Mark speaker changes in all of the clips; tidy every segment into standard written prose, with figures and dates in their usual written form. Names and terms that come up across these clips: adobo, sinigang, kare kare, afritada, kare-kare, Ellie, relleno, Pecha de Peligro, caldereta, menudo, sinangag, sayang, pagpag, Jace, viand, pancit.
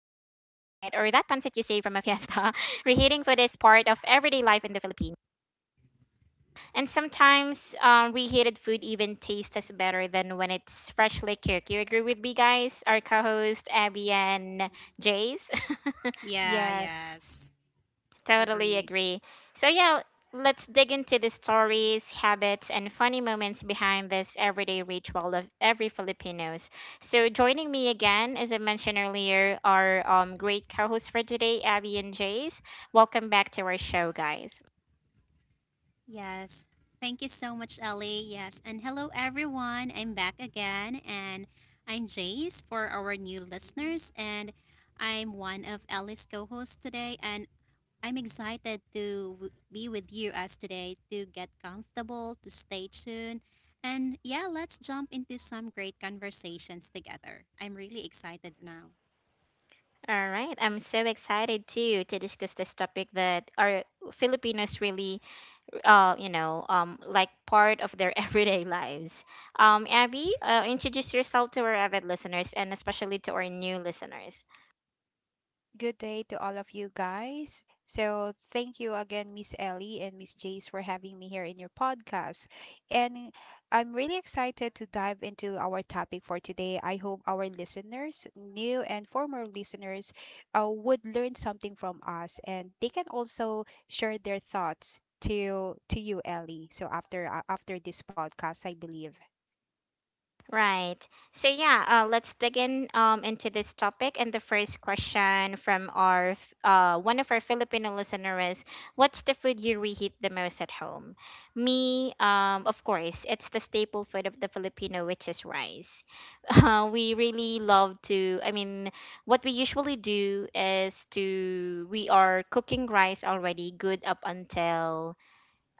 Speaker 1: from a fiesta, reheating food is part of everyday life in the Philippines. And sometimes reheated food even tastes better than when it's freshly cooked. You agree with me, guys? Our co host, Abby and Jace?
Speaker 2: Yeah,
Speaker 3: Yes,
Speaker 2: yes.
Speaker 1: Totally
Speaker 2: Agree.
Speaker 1: agree. So, yeah, let's dig into the stories, habits, and funny moments behind this everyday ritual of every Filipinos. So, joining me again, as I mentioned earlier, our great co hosts for today, Abby and Jace. Welcome back to our show, guys.
Speaker 2: Yes. Thank you so much, Ellie. Yes. And hello, everyone. I'm back again, and I'm Jace for our new listeners, and I'm one of Ellie's co hosts today, and I'm excited to be with you as today to get comfortable, to stay tuned, and yeah, let's jump into some great conversations together. I'm really excited now.
Speaker 1: All right, I'm so excited too to discuss this topic that our Filipinos really, like part of their everyday lives. Abby, introduce yourself to our avid listeners and especially to our new listeners.
Speaker 3: good day to all of you guys. So, thank you again, Miss Ellie and Miss Jace, for having me here in your podcast. And I'm really excited to dive into our topic for today. I hope our listeners, new and former listeners, would learn something from us, and they can also share their thoughts to you, Ellie. So, after after this podcast, I believe.
Speaker 1: Right. So yeah, let's dig in into this topic. And the first question from our one of our Filipino listener is, "What's the food you reheat the most at home?" Me, of course, it's the staple food of the Filipino, which is rice. We really love to. I mean, what we usually do is to we are cooking rice already good up until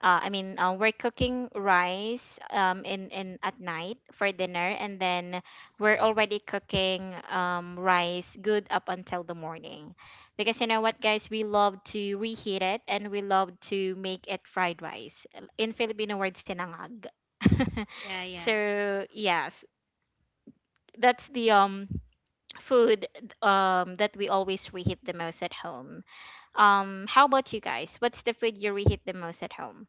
Speaker 1: I mean, we're cooking rice in at night for dinner, and then we're already cooking rice good up until the morning, because you know what, guys, we love to reheat it and we love to make it fried rice. In Filipino word, sinangag.
Speaker 2: Yeah, yeah.
Speaker 1: So yes, that's the food that we always reheat the most at home. How about you guys? What's the food you reheat the most at home?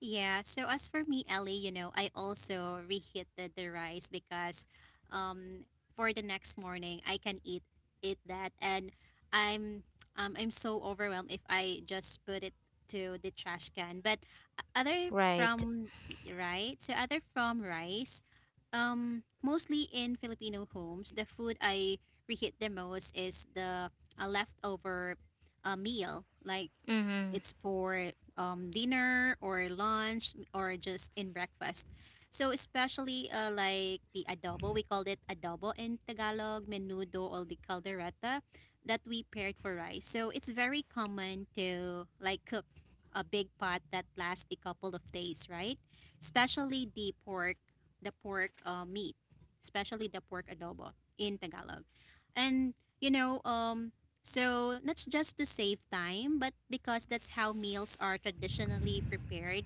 Speaker 2: Yeah, so as for me, Ellie, you know, I also reheated the rice because um for the next morning I can eat that and I'm I'm so overwhelmed if I just put it to the trash can. But o- other
Speaker 1: Right.
Speaker 2: from right, so other from rice, um, mostly in Filipino homes, the food I reheat the most is the a leftover meal like
Speaker 1: Mm-hmm.
Speaker 2: it's for dinner or lunch or just in breakfast. So especially like the adobo, we called it adobo in Tagalog, menudo or the caldereta that we paired for rice. So it's very common to like cook a big pot that lasts a couple of days, right? Especially the pork, meat, especially the pork adobo in Tagalog. And you know, so, not just to save time, but because that's how meals are traditionally prepared,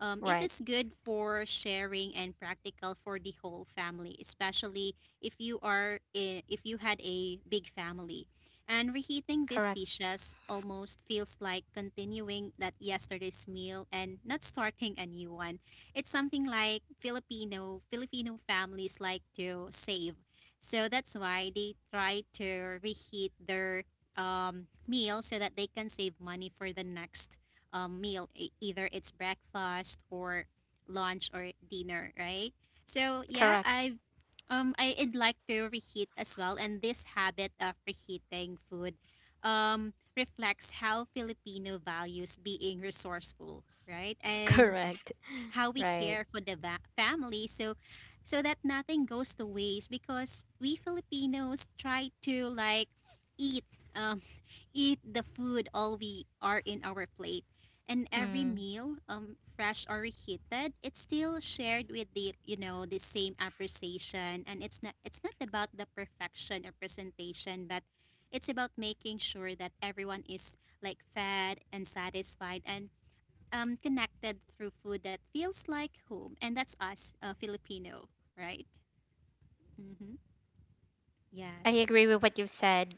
Speaker 2: it
Speaker 1: Right.
Speaker 2: is good for sharing and practical for the whole family, especially if you had a big family. And reheating these
Speaker 1: Correct.
Speaker 2: dishes almost feels like continuing that yesterday's meal and not starting a new one. It's something like Filipino families like to save, so that's why they try to reheat their meal so that they can save money for the next either it's breakfast or lunch or dinner, right? So yeah,
Speaker 1: Correct.
Speaker 2: I'd like to reheat as well, and this habit of reheating food reflects how Filipino values being resourceful, right? And
Speaker 1: Correct.
Speaker 2: how we
Speaker 1: Right.
Speaker 2: care for the family. So so that nothing goes to waste because we Filipinos try to like eat um, eat the food all we are in our plate. And every
Speaker 1: Mm.
Speaker 2: meal, fresh or reheated, it's still shared with the you know the same appreciation. And it's not about the perfection or presentation, but it's about making sure that everyone is like fed and satisfied and connected through food that feels like home. And that's us, Filipino, right? Mm-hmm.
Speaker 1: I
Speaker 2: Yes.
Speaker 1: agree with what you said.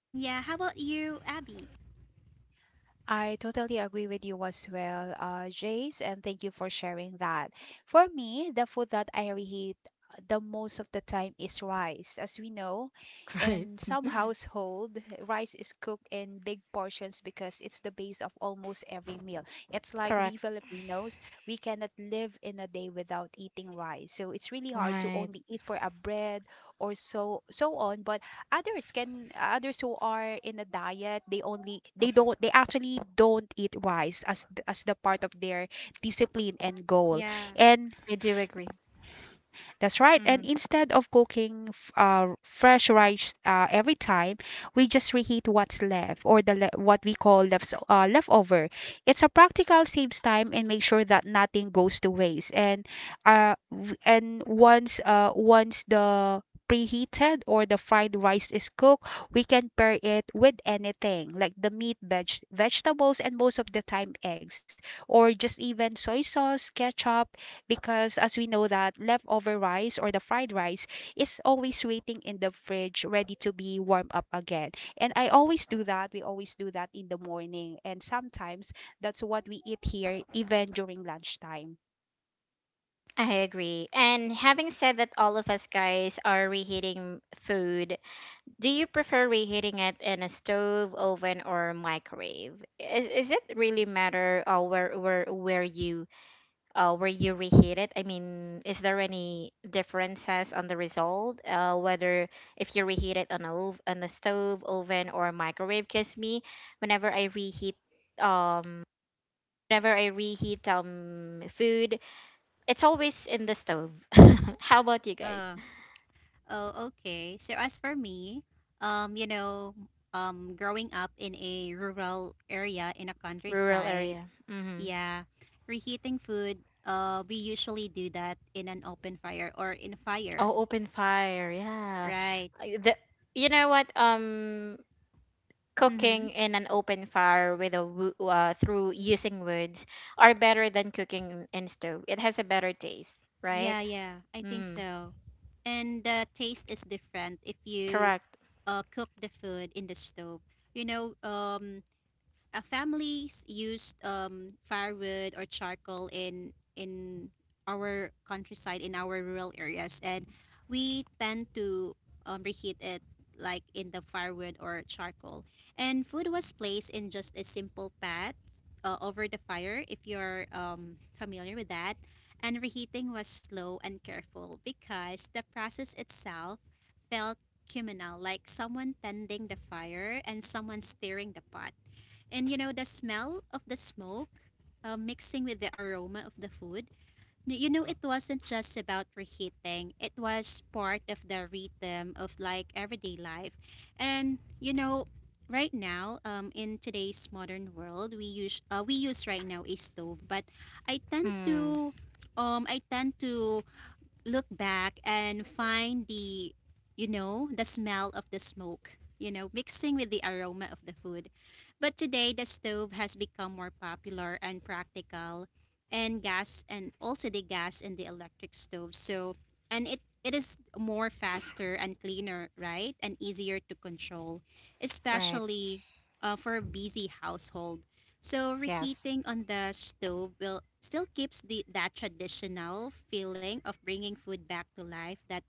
Speaker 2: And yeah, how about you, Abby?
Speaker 3: I totally agree with you as well, Jace, and thank you for sharing that. For me, the food that I reheat the most of the time is rice. As we know,
Speaker 1: Right.
Speaker 3: in some household, rice is cooked in big portions because it's the base of almost every meal. It's like we
Speaker 1: Correct.
Speaker 3: Filipinos, we cannot live in a day without eating rice. So it's really hard to
Speaker 1: Right.
Speaker 3: only eat for a bread or so on, but others who are in a diet they actually don't eat rice as as the part of their discipline and goal,
Speaker 2: Yeah.
Speaker 3: and
Speaker 1: I do agree.
Speaker 3: that's right. And
Speaker 1: Mm.
Speaker 3: instead of cooking fresh rice every time, we just reheat what's left, or what we call leftover. It's a practical, saves time and make sure that nothing goes to waste. And once once the preheated or the fried rice is cooked, we can pair it with anything like the meat, vegetables, and most of the time eggs, or just even soy sauce, ketchup, because as we know, that leftover rice or the fried rice is always waiting in the fridge, ready to be warmed up again. And I always do that. We always do that in the morning, and sometimes that's what we eat here even during lunchtime.
Speaker 1: I agree. And having said that, all of us guys are reheating food. Do you prefer reheating it in a stove, oven, or microwave? Is it really matter or where you where you reheat it? I mean, is there any differences on the result, whether if you reheat it on on a stove, oven, or microwave? Because me, whenever I reheat, um, whenever I reheat food, it's always in the stove. How about you guys?
Speaker 2: Oh, okay. So as for me, you know, growing up in a rural area in a
Speaker 1: Rural
Speaker 2: countryside,
Speaker 1: area. Mm-hmm.
Speaker 2: yeah, reheating food, we usually do that in an open fire or in a fire,
Speaker 1: Oh, open fire. Yeah.
Speaker 2: right?
Speaker 1: I- The, you know what?
Speaker 2: Mm-hmm.
Speaker 1: Cooking in an open fire with a through using woods are better than cooking in stove. It has a better taste, right?
Speaker 2: Yeah, yeah, I think
Speaker 1: Mm,
Speaker 2: so. And the taste is different if you
Speaker 1: correct.
Speaker 2: cook the food in the stove. You know, families used firewood or charcoal in our countryside in our rural areas and we tend to reheat it like in the firewood or charcoal and food was placed in just a simple pot over the fire if you're familiar with that and reheating was slow and careful because the process itself felt communal, like someone tending the fire and someone stirring the pot. And you know, the smell of the smoke mixing with the aroma of the food, you know, it wasn't just about reheating, it was part of the rhythm of like everyday life. And you know, right now, in today's modern world, we use right now a stove. But I tend
Speaker 1: Mm,
Speaker 2: to I tend to look back and find the, you know, the smell of the smoke, you know, mixing with the aroma of the food. But today, the stove has become more popular and practical, and gas and also the gas and the electric stove. So, and it is more faster and cleaner, right? And easier to control,
Speaker 1: right.
Speaker 2: especially for a busy household. So
Speaker 1: Yes.
Speaker 2: reheating on the stove will still keeps the that traditional feeling of bringing food back to life. That,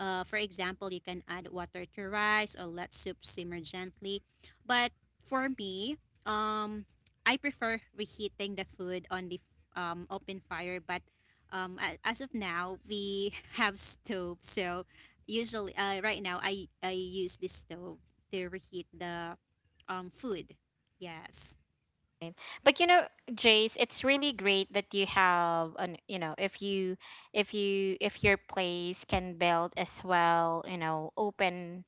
Speaker 2: for example, you can add water to rice or let soup simmer gently. But for me, um, I prefer reheating the food on the open fire. But as of now, we have stove, so usually right now I use this stove to reheat the food. Yes.
Speaker 1: Right. But you know, Jace, it's really great that you have an you know, if you if your place can build as well, you know, open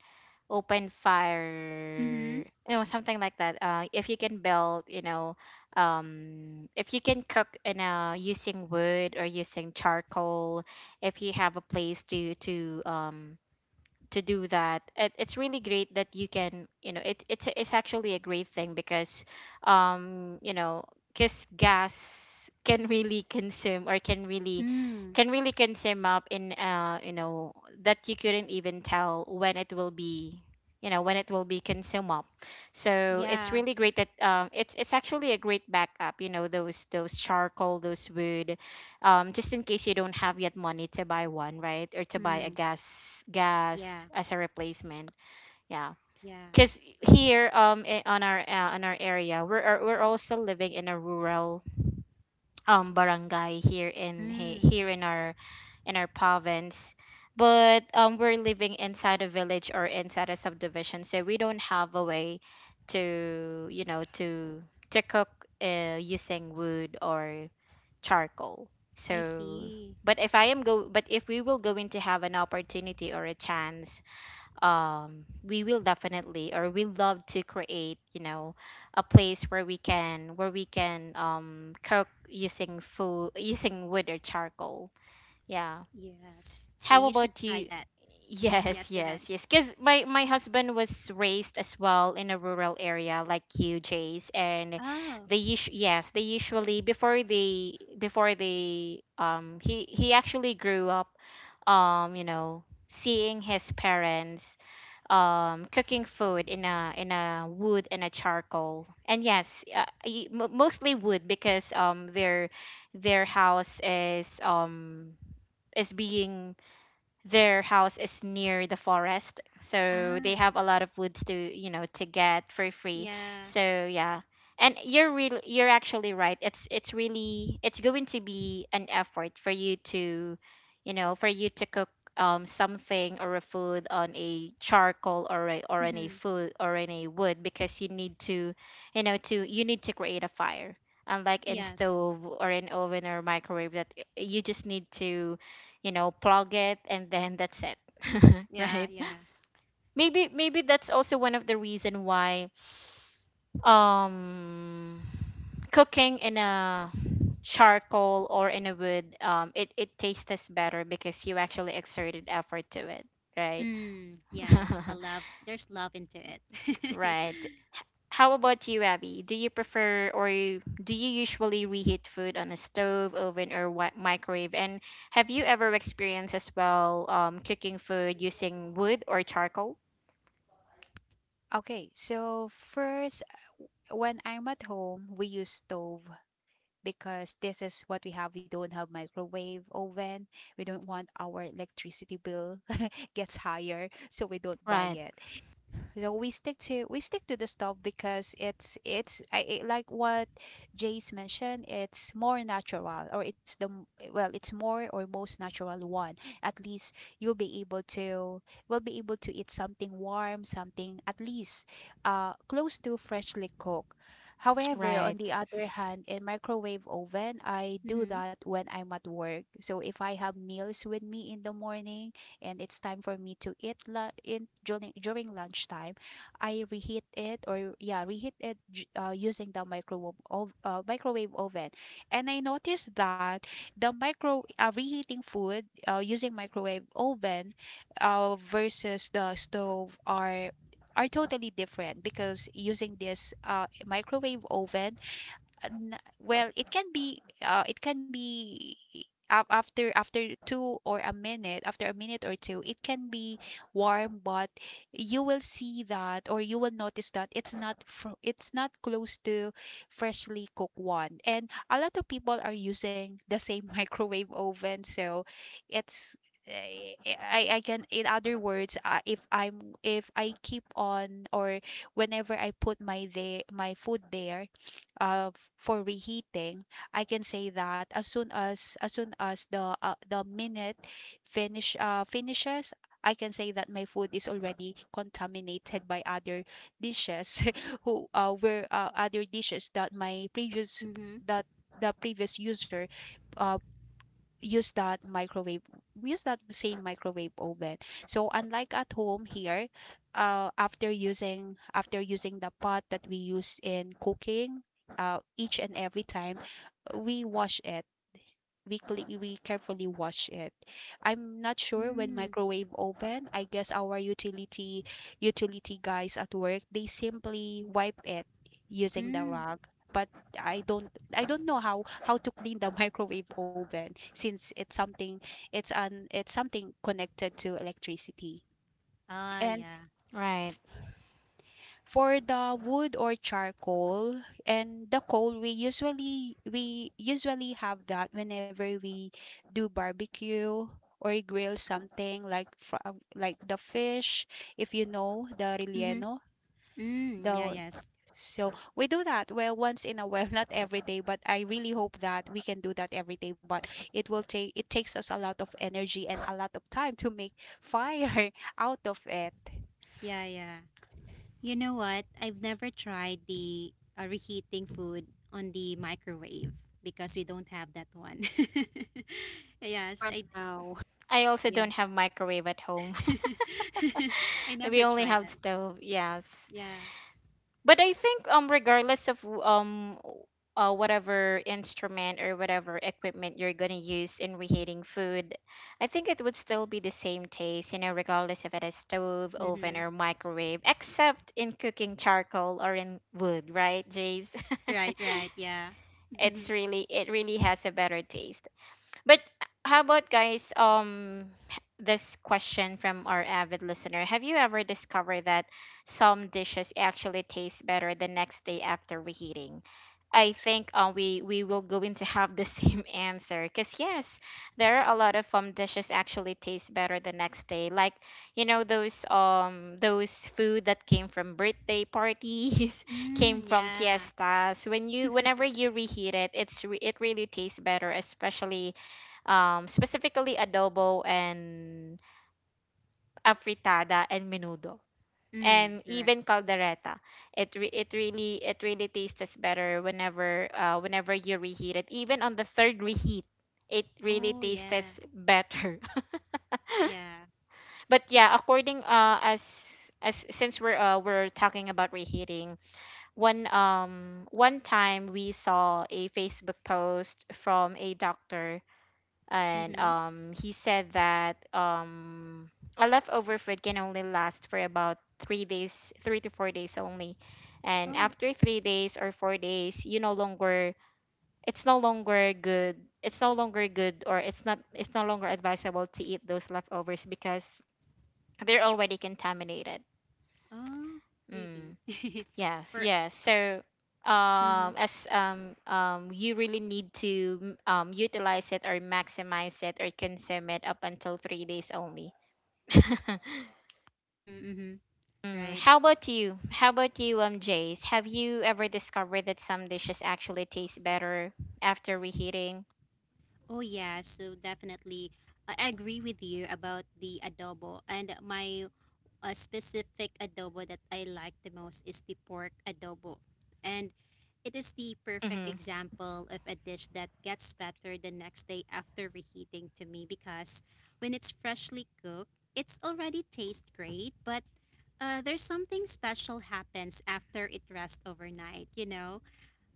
Speaker 1: open fire
Speaker 2: Mm-hmm.
Speaker 1: you know something like that if you can build you know if you can cook in a using wood or using charcoal if you have a place to do that it's really great that you can you know it's actually a great thing because you know because gas can really consume or can really
Speaker 2: Mm,
Speaker 1: can really consume up in you know that you couldn't even tell when it will be you know when it will be consumed up so it's
Speaker 2: yeah.
Speaker 1: really great that it's actually a great backup you know those charcoal those wood just in case you don't have yet money to buy one, right? Or to buy a
Speaker 2: Mm,
Speaker 1: gas gas
Speaker 2: yeah.
Speaker 1: as a replacement. Yeah.
Speaker 2: Yeah.
Speaker 1: Because
Speaker 2: Correct.
Speaker 1: here on our area we're also living in a rural barangay
Speaker 2: Mm,
Speaker 1: here in our province, but we're living inside a village or inside a subdivision, so we don't have a way to you know to cook using wood or charcoal.
Speaker 2: I
Speaker 1: So,
Speaker 2: see.
Speaker 1: but if I am go, but if we will going to have an opportunity or a chance, we will definitely or we love to create, you know, a place where we can cook using food using wood or charcoal. Yeah.
Speaker 2: Yes. So
Speaker 1: How
Speaker 2: you should
Speaker 1: about you?
Speaker 2: try that.
Speaker 1: Yes,
Speaker 2: Yes, go ahead.
Speaker 1: yes, yes. Because my husband was raised as well in a rural area like you, Jace, and
Speaker 2: Oh,
Speaker 1: yes they usually before they he actually grew up you know seeing his parents cooking food in a wood and a charcoal and yes mostly wood because their house is being their house is near the forest so
Speaker 2: ah,
Speaker 1: they have a lot of woods to you know to get for free
Speaker 2: yeah.
Speaker 1: so yeah and you're real you're actually right it's really it's going to be an effort for you to you know for you to cook something or a food on a charcoal or on a
Speaker 2: Mm-hmm.
Speaker 1: food or in a wood because you need to you know to you need to create a fire unlike in
Speaker 2: Yes.
Speaker 1: stove or in oven or microwave that you just need to you know plug it and then that's it
Speaker 2: Yeah,
Speaker 1: right
Speaker 2: yeah.
Speaker 1: maybe that's also one of the reason why um cooking in a charcoal or in a wood it it tastes better because you actually exerted effort to it right
Speaker 2: Mm, yes, the love. There's love into it.
Speaker 1: right how about you abby do you prefer or do you usually reheat food on a stove oven or microwave and have you ever experienced as well cooking food using wood or charcoal?
Speaker 3: Okay, so first, when I'm at home, we use stove because this is what we have. We don't have microwave oven. We don't want our electricity bill gets higher, so we don't buy
Speaker 1: Right,
Speaker 3: it. So we stick to the stove because like what Jace mentioned. It's more natural, or well, it's more or most natural one. At least you'll be able to will be able to eat something warm, something at least close to freshly cooked. However, on
Speaker 1: right,
Speaker 3: the other hand, in microwave oven, I do
Speaker 2: Mm-hmm.
Speaker 3: that when I'm at work. So if I have meals with me in the morning, and it's time for me to eat la- in during during lunchtime, I reheat it, or yeah, reheat it using the microwave microwave oven. And I noticed that the micro reheating food using microwave oven versus the stove are totally different, because using this microwave oven, well, it can be after 2, or a minute, after a minute or two, it can be warm, but you will see that, or you will notice that, it's not close to freshly cooked one. And a lot of people are using the same microwave oven, so it's, I can, in other words, if I'm, if I keep on, or whenever I put my food there, uh, for reheating, I can say that, as soon as, the minute finishes, I can say that my food is already contaminated by other dishes who were other dishes that my previous
Speaker 2: Mm-hmm.
Speaker 3: that the previous user uh, use that microwave use that same microwave oven. So unlike at home here, after using the pot that we use in cooking each and every time, we wash it weekly, we carefully watch it. I'm not sure when
Speaker 2: Mm,
Speaker 3: microwave oven. I guess our utility guys at work, they simply wipe it using the
Speaker 2: mm.
Speaker 3: rag. But I don't, I don't know how to clean the microwave oven, since it's something, it's an, it's something connected to electricity.
Speaker 2: Ah,
Speaker 3: And
Speaker 2: yeah.
Speaker 1: right.
Speaker 3: for the wood or charcoal and the coal, we usually, have that whenever we do barbecue or grill something like, from like the fish, if you know the
Speaker 2: Mm-hmm.
Speaker 3: relleno.
Speaker 2: Mm, yeah,
Speaker 3: The,
Speaker 2: yes.
Speaker 3: so we do that well once in a while, not every day, but I really hope that we can do that every day. But it takes us a lot of energy and a lot of time to make fire out of it
Speaker 2: Yeah, yeah. You know what? I've never tried the reheating food on the microwave because we don't have that one. Yes,
Speaker 3: for
Speaker 2: I
Speaker 3: now.
Speaker 1: I also
Speaker 2: yeah.
Speaker 1: don't have microwave at home.
Speaker 2: I
Speaker 1: We
Speaker 2: never
Speaker 1: only
Speaker 2: tried
Speaker 1: have
Speaker 2: that.
Speaker 1: stove, yes.
Speaker 2: Yeah.
Speaker 1: But I think regardless of whatever instrument or whatever equipment you're gonna use in reheating food, I think it would still be the same taste, you know, regardless if it is stove, oven,
Speaker 2: Mhm.
Speaker 1: or microwave, except in cooking charcoal or in wood, right, Jace?
Speaker 2: Right, right. Yeah.
Speaker 1: It's really it really has a better taste. But how about guys? This question from our avid listener: have you ever discovered that some dishes actually taste better the next day after reheating? I think we will going to have the same answer because yes, there are a lot of dishes actually taste better the next day. Like you know those food that came from birthday parties, came
Speaker 2: Mm,
Speaker 1: from
Speaker 2: yeah.
Speaker 1: fiestas. When you whenever you reheat it, it really tastes better, especially specifically adobo and afritada and menudo
Speaker 2: Mm,
Speaker 1: and
Speaker 2: correct.
Speaker 1: even caldereta. It really it really tastes better whenever whenever you reheat it. Even on the third reheat, it really
Speaker 2: Oh, yeah.
Speaker 1: tastes better.
Speaker 2: Yeah.
Speaker 1: But yeah, according as since we're talking about reheating, one time we saw a Facebook post from a doctor and
Speaker 2: Mhm.
Speaker 1: he said that a leftover food can only last for about 3 days, 3 to 4 days only. And
Speaker 2: Oh.
Speaker 1: after 3 days or 4 days, you no longer, it's no longer good. It's no longer good, or it's not, it's no longer advisable to eat those leftovers because they're already contaminated.
Speaker 2: Oh,
Speaker 1: Hmm.
Speaker 2: really?
Speaker 1: Yes,
Speaker 2: For
Speaker 1: yes. So,
Speaker 2: mhm.
Speaker 1: as you really need to utilize it or maximize it or consume it up until 3 days only.
Speaker 2: Mhm. Mhm.
Speaker 1: Mm,
Speaker 2: Right.
Speaker 1: how about you? How about you, Jace? Have you ever discovered that some dishes actually taste better after reheating?
Speaker 2: Oh yeah, so definitely I agree with you about the adobo, and my specific adobo that I like the most is the pork adobo. And it is the
Speaker 1: Mm-hmm.
Speaker 2: perfect example of a dish that gets better the next day after reheating to me because when it's freshly cooked, it's already tastes great, but there's something special happens after it rests overnight, you know?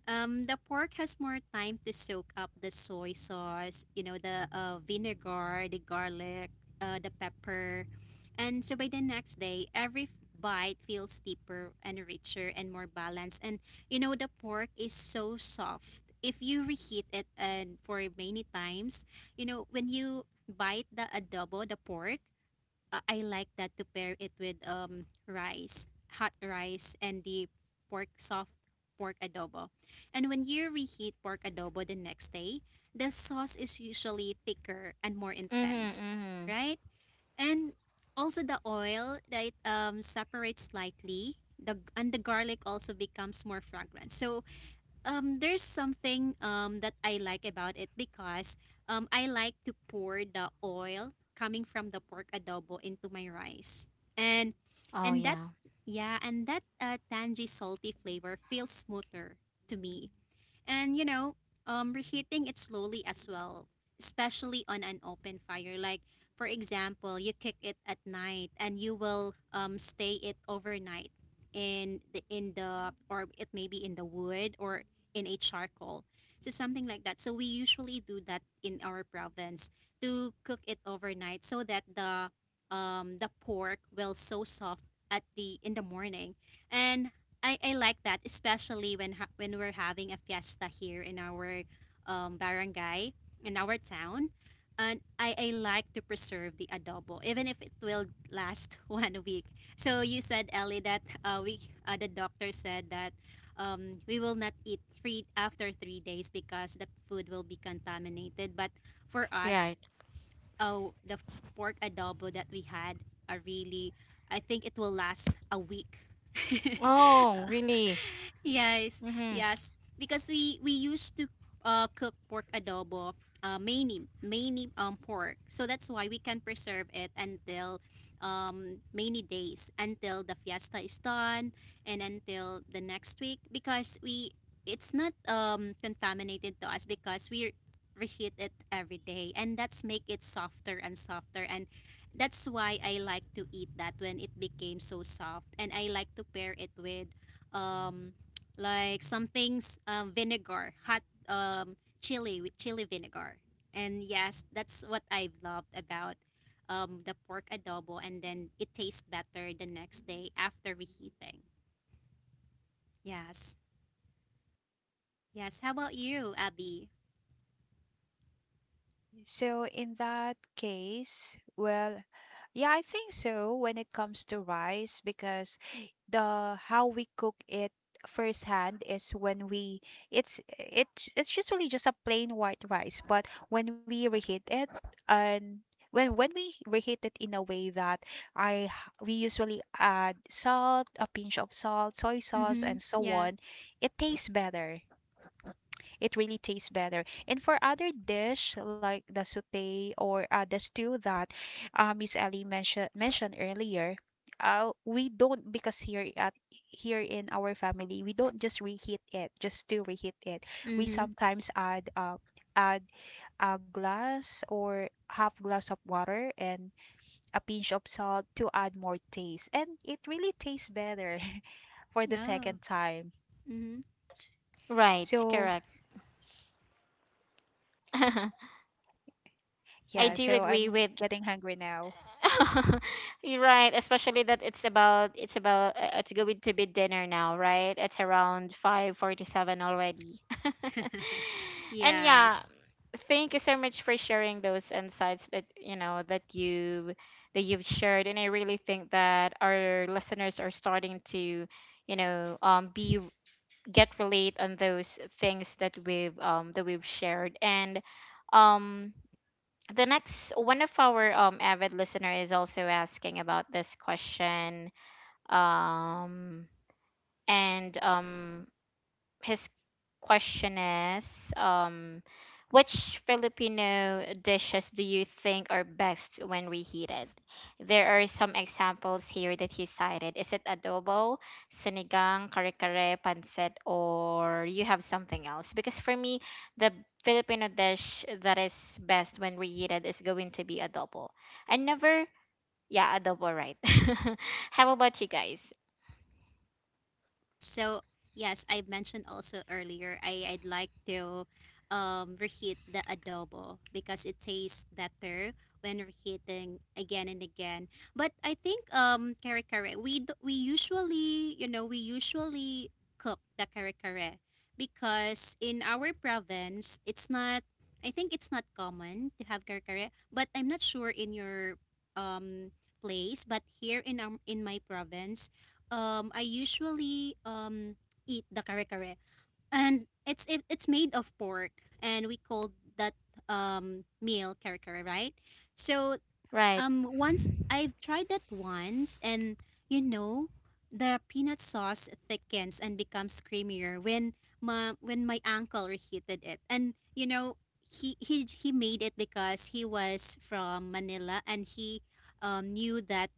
Speaker 2: The pork has more time to soak up the soy sauce, you know, the vinegar, the garlic, the pepper. And so by the next day, every bite feels deeper and richer and more balanced. And, you know, the pork is so soft. If you reheat it and for many times, you know, when you bite the adobo, the pork, I like that to pair it with rice, hot rice, and the pork soft pork adobo. And when you reheat pork adobo the next day, the sauce is usually thicker and more intense,
Speaker 1: Mm-hmm. Mm-hmm.
Speaker 2: right? And also the oil that separates slightly. The, and the garlic also becomes more fragrant. So there's something that I like about it because I like to pour the oil coming from the pork adobo into my rice. And
Speaker 1: Oh
Speaker 2: and that
Speaker 1: yeah.
Speaker 2: yeah, and that tangy salty flavor feels smoother to me. And you know, reheating it slowly as well, especially on an open fire. Like for example, you cook it at night and you will stay it overnight in the or it may be in the wood or in a charcoal. So something like that. So we usually do that in our province to cook it overnight so that the pork will so soft at the in the morning. And I like that, especially when we're having a fiesta here in our barangay, in our town. And I like to preserve the adobo, even if it will last 1 week. So you said, Ellie, that we the doctor said that we will not eat three after 3 days because the food will be contaminated. But for us,
Speaker 1: Right.
Speaker 2: oh the f- pork adobo that we had are really I think it will last a week.
Speaker 1: Oh, really?
Speaker 2: Yes,
Speaker 1: Mm-hmm.
Speaker 2: yes, because we used to cook pork adobo, mainly pork, so that's why we can preserve it until many days until the fiesta is done and until the next week because we it's not contaminated to us because we reheat it every day and that's make it softer and softer. And that's why I like to eat that when it became so soft, and I like to pair it with um like some things vinegar hot chili, with chili vinegar. And yes, that's what I've loved about the pork adobo, and then it tastes better the next day after reheating. Yes, yes. How about you, Abby?
Speaker 3: Okay, so in that case, well, yeah, I think so when it comes to rice, because the how we cook it firsthand, is when we, it's it's usually just a plain white rice, but when we reheat it and when we reheat it in a way that, I h- we usually add salt, a pinch of salt, soy sauce,
Speaker 2: Mm-hmm.
Speaker 3: and so
Speaker 2: Yeah.
Speaker 3: on, it tastes better it really tastes better. And for other dish like the sauté or the stew that Miss Ellie mentioned earlier, we don't, because here at, here in our family, we don't just reheat it just to reheat it. We
Speaker 2: Mm-hmm.
Speaker 3: sometimes add a glass or half glass of water and a pinch of salt to add more taste, and it really tastes better for the
Speaker 2: Oh.
Speaker 3: second time.
Speaker 2: Mm-hmm.
Speaker 1: Right.
Speaker 3: So
Speaker 1: Correct.
Speaker 3: yeah,
Speaker 1: I
Speaker 2: Yes.
Speaker 1: do
Speaker 3: so
Speaker 1: agree
Speaker 3: I'm
Speaker 1: with
Speaker 3: getting hungry now.
Speaker 1: you're right, especially that it's going to be dinner now, right? It's around 5:47 already. And yeah,
Speaker 2: Yes.
Speaker 1: thank you so much for sharing those insights that you know that you've shared and I really think that our listeners are starting to you know be get relate on those things that we've shared and um the next one of our avid listener is also asking about this question um and his question is which Filipino dishes do you think are best when reheated? There are some examples here that he cited. Is it adobo, sinigang, kare-kare, pancit, or you have something else? Because for me, the Filipino dish that is best when reheated is going to be adobo. I never, yeah, adobo, right. How about you guys?
Speaker 2: Yeah, so yes, I mentioned also earlier I'd like to reheat the adobo because it tastes better when reheating again and again. But I think kare kare we usually, you know, we usually cook the kare kare because in our province it's not I think it's not common to have kare kare, but I'm not sure in your um place. But here in our in my province I usually eat the kare kare, and it's made of pork, and we called that meal kare kare, right? So
Speaker 1: Right,
Speaker 2: once I've tried that once, and you know, the peanut sauce thickens and becomes creamier when my uncle reheated it. And you know, he made it because he was from Manila, and he knew that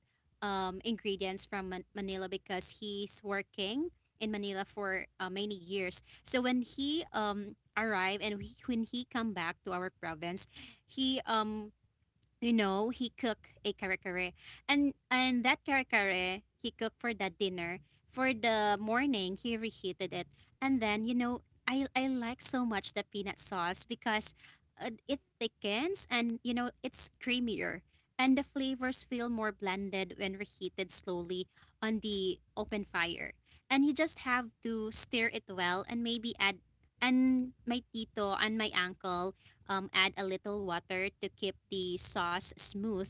Speaker 2: ingredients from Manila because he's working in Manila for many years. So when he arrived and when he come back to our province, he you know, he cooked a kare kare. And that kare kare he cooked for that dinner. For the morning, he reheated it. And then, you know, I like so much the peanut sauce because it thickens and you know, it's creamier. And the flavors feel more blended when reheated slowly on the open fire. And you just have to stir it well and maybe add and my tito and my uncle add a little water to keep the sauce smooth.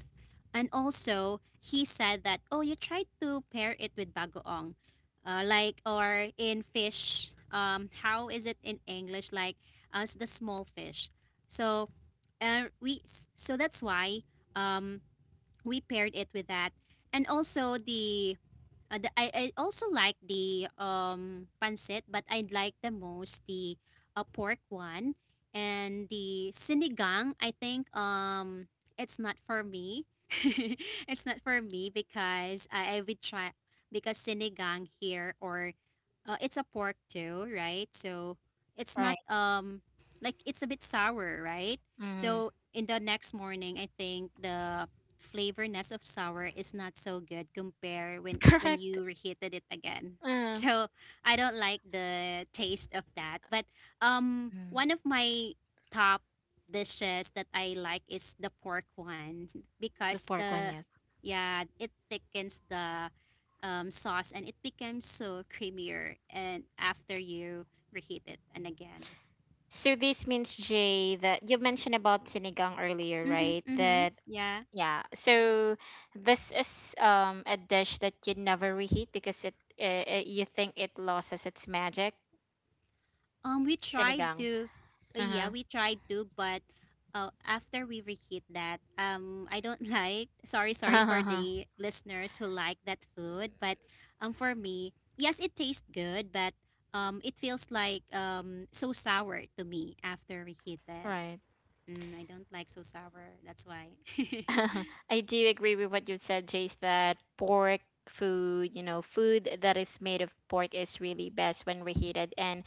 Speaker 2: And also, he said that, oh, you tried to pair it with bagoong. Like, or in fish, how is it in English? Like, as the small fish. So, uh, we, so that's why um, we paired it with that. And also, I also like the pancit, but I like the most the pork one and the sinigang. I think it's not for me. It's not for me because I would try because sinigang here or it's a pork too, right? So it's not
Speaker 1: right.
Speaker 2: like it's a bit sour, right?
Speaker 1: Mm,
Speaker 2: So in the next morning, I think the flavorness of sour is not so good compared when when you reheated it again.
Speaker 1: correct.
Speaker 2: So I don't like the taste of that. But
Speaker 1: Mm,
Speaker 2: one of my top dishes that I like is the pork one
Speaker 1: the
Speaker 2: because
Speaker 1: pork one,
Speaker 2: the
Speaker 1: yes.
Speaker 2: yeah it thickens the sauce and it becomes so creamier and after you reheat it and again.
Speaker 1: So this means, Jay, that you mentioned about sinigang earlier,
Speaker 2: Mm-hmm,
Speaker 1: right?
Speaker 2: mm-hmm.
Speaker 1: That
Speaker 2: Yeah.
Speaker 1: yeah. So this is a dish that you never reheat because it you think it loses its magic.
Speaker 2: We tried
Speaker 1: Sinigang.
Speaker 2: to, yeah,
Speaker 1: Uh-huh.
Speaker 2: we tried to, but uh, after we reheat that, I don't like. Sorry, sorry for
Speaker 1: Uh-huh.
Speaker 2: the listeners who like that food, but for me, yes, it tastes good, but it feels like so sour to me after reheated.
Speaker 1: Right.
Speaker 2: Mm, I don't like so sour. That's why.
Speaker 1: I do agree with what you said, Jace, that pork food, food that is made of pork is really best when reheated. And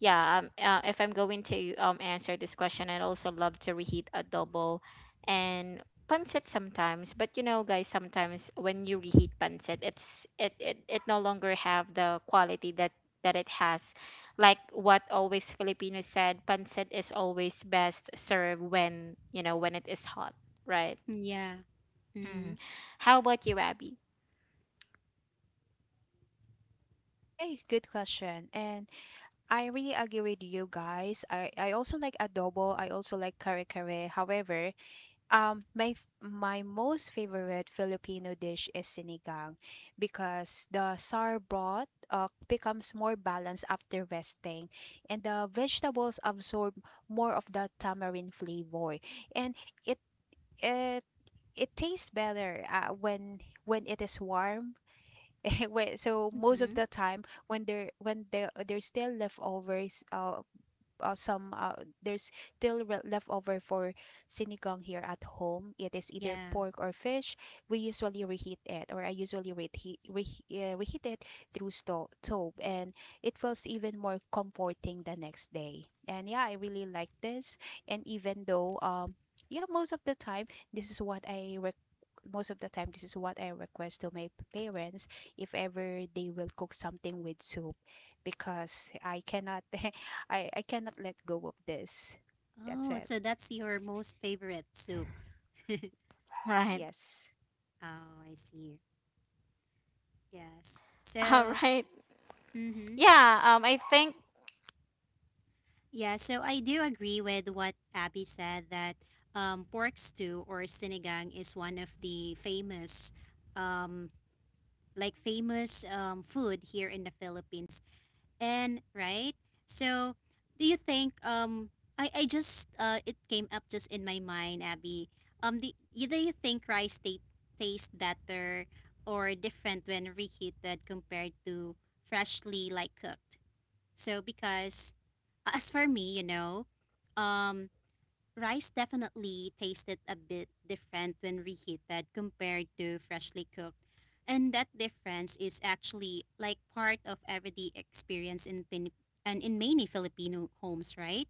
Speaker 1: yeah if I'm going to answer this question, I'd also love to reheat adobo and pancit sometimes. But you know guys, sometimes when you reheat pancit, it no longer have the quality that it has, like what always Filipinos said: pancit is always best served when, you know, when it is hot, right?
Speaker 2: Yeah.
Speaker 1: mm.
Speaker 2: Mm-hmm.
Speaker 1: How about you, Abby?
Speaker 3: Okay, good question. And I really agree with you guys. I also like adobo. I also like kare kare. However, my most favorite Filipino dish is sinigang because the sour broth becomes more balanced after resting, and the vegetables absorb more of the tamarind flavor, and uh, it tastes better when it is warm. Wait, so most of
Speaker 2: Mm-hmm.
Speaker 3: the time when there, there's still leftovers, some there's still leftover for sinigang here at home. It is either
Speaker 2: Yeah.
Speaker 3: pork or fish. We usually reheat it, or I usually reheat, reheat it through stove, and it feels even more comforting the next day. And yeah, I really like this. And even though um, yeah, most of the time this is what I rec- most of the time this is what I request to my parents if ever they will cook something with soup, because I cannot, I cannot let go of this. That's
Speaker 2: Oh,
Speaker 3: it.
Speaker 2: so that's your most favorite soup.
Speaker 1: Right.
Speaker 3: Yes.
Speaker 2: Oh, I see. Yes.
Speaker 1: All
Speaker 2: So,
Speaker 1: right.
Speaker 2: mm-hmm.
Speaker 1: yeah I think
Speaker 2: Yeah, so I do agree with what Abby said that pork stew or sinigang is one of the um, like famous food here in the Philippines. And right, so do you think I just it came up just in my mind, Abby. Do you think tastes better or different when reheated compared to freshly like cooked? So because as for me, you know, um, rice definitely tasted a bit different when reheated compared to freshly cooked. And that difference is actually like part of everyday experience and in many Filipino homes, right?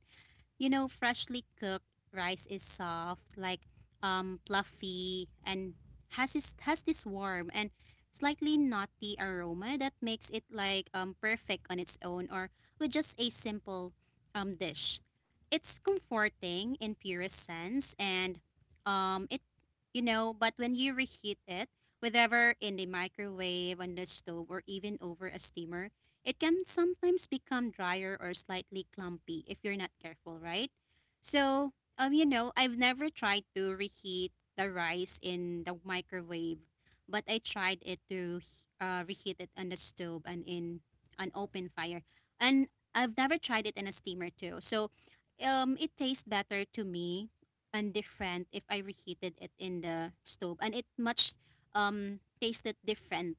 Speaker 2: You know, freshly cooked rice is soft, like fluffy and has this warm and slightly nutty aroma that makes it like perfect on its own or with just a simple dish. It's comforting in purest sense and it you know, but when you reheat it, whether in the microwave, on the stove, or even over a steamer, it can sometimes become drier or slightly clumpy if you're not careful, right? So, you know, I've never tried to reheat the rice in the microwave, but I tried it to reheat it on the stove and in an open fire. And I've never tried it in a steamer too. So, it tastes better to me and different if I reheated it in the stove, and it much tasted different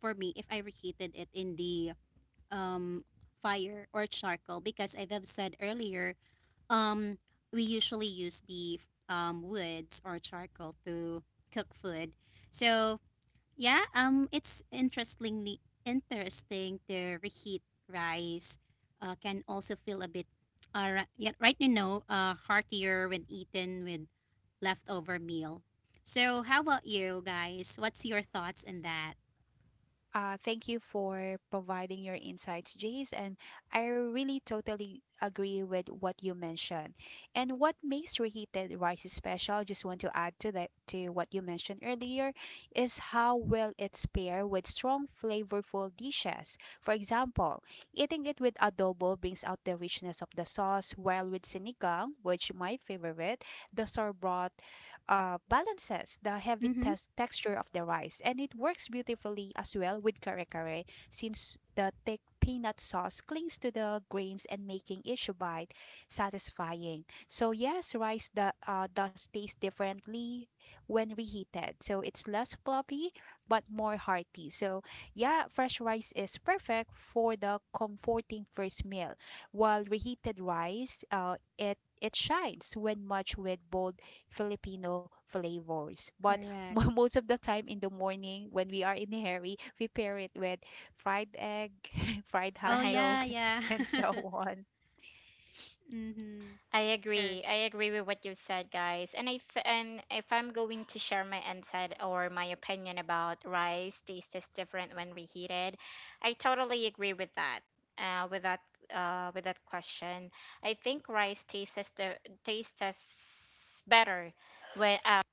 Speaker 2: for me if I reheated it in the um, fire or charcoal because I've said earlier, um, we usually use the woods or charcoal to cook food. So yeah, it's interesting to reheat rice. Can also feel a bit, yeah, right you know, heartier when eaten with leftover meal. So how about you guys? What's your thoughts on that?
Speaker 3: Thank you for providing your insights, Jace. And I really totally agree with what you mentioned. And what makes reheated rice special, just want to add to that, to what you mentioned earlier, is how well it's paired with strong flavorful dishes. For example, eating it with adobo brings out the richness of the sauce, while with sinigang, which my favorite, the sorbet balances the heavy
Speaker 2: Mm-hmm.
Speaker 3: texture of the rice, and it works beautifully as well with kare kare, since the thick peanut sauce clings to the grains and making each bite satisfying. So yes, rice does taste differently when reheated, so it's less floppy but more hearty. So yeah, fresh rice is perfect for the comforting first meal, while reheated rice, it shines when much with bold Filipino flavors. But
Speaker 2: Correct.
Speaker 3: most of the time in the morning when we are in a hurry, we pair it with fried egg, fried hot
Speaker 2: Oh
Speaker 1: right
Speaker 2: yeah,
Speaker 3: dog,
Speaker 2: yeah.
Speaker 3: and so on.
Speaker 2: Mm-hmm.
Speaker 1: I agree.
Speaker 2: Correct.
Speaker 1: I agree with what you said, guys. And if I'm going to share my insight or my opinion about rice taste is different when reheated, I totally agree with that. Uh, with that with that question, I think rice tastes as the tastes as better when after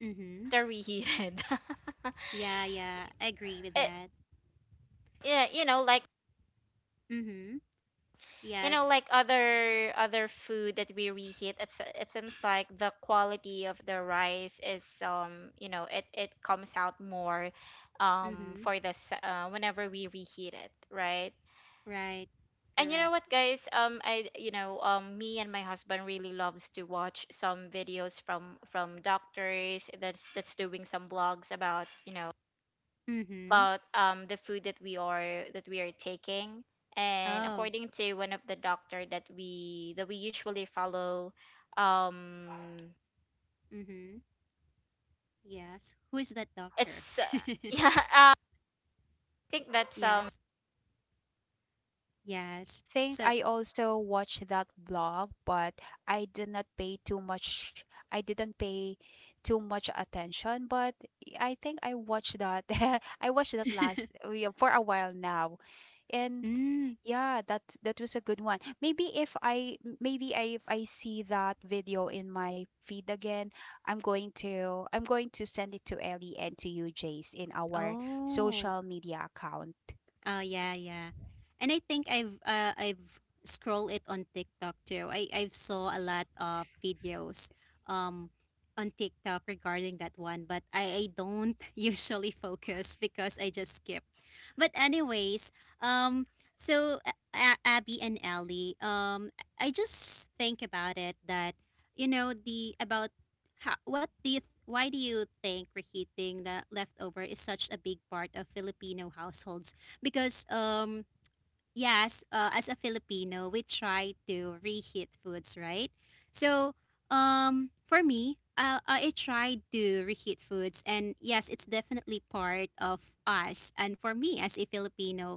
Speaker 2: Mm-hmm.
Speaker 1: reheated.
Speaker 2: Yeah, yeah. I agree with
Speaker 1: It,
Speaker 2: that.
Speaker 1: yeah, you know, like,
Speaker 2: Mm-hmm.
Speaker 1: you know,
Speaker 2: Yes.
Speaker 1: like other food that we reheat, it seems like the quality of the rice is, um, you know, it comes out more,
Speaker 2: Mm-hmm.
Speaker 1: whenever we reheat it, right?
Speaker 2: Right.
Speaker 1: And you know
Speaker 2: Correct.
Speaker 1: what guys, I you know, me and my husband really loves to watch some videos from doctors that's doing some blogs about, you know,
Speaker 2: Mm-hmm.
Speaker 1: about, the food that we are taking. And
Speaker 2: Oh.
Speaker 1: according to one of the doctor that we usually follow, um
Speaker 2: Mm-hmm. Yes. Who is that doctor?
Speaker 1: it's yeah I think that's
Speaker 2: Yes. Yes.
Speaker 3: I think
Speaker 2: So
Speaker 3: I also watched that blog, but I did not pay too much. I didn't pay too much attention, but I think I watched that. I watched that for a while now. And
Speaker 2: mm.
Speaker 3: yeah, that, that was a good one. Maybe if maybe I, if I see that video in my feed again, I'm going to send it to Ellie and to you, Jace, in our
Speaker 2: Oh.
Speaker 3: social media account.
Speaker 2: Oh yeah, yeah. And I think I've scrolled it on TikTok too. I've saw a lot of videos um on TikTok regarding that one, but I don't usually focus because I just skip. But anyways, um so Abby and Ellie, I just think about it that you know the about how, what do you th- why do you think reheating the leftover is such a big part of Filipino households? Because yes as a Filipino we try to reheat foods, right? So for me I tried to reheat foods and yes it's definitely part of us and for me as a Filipino.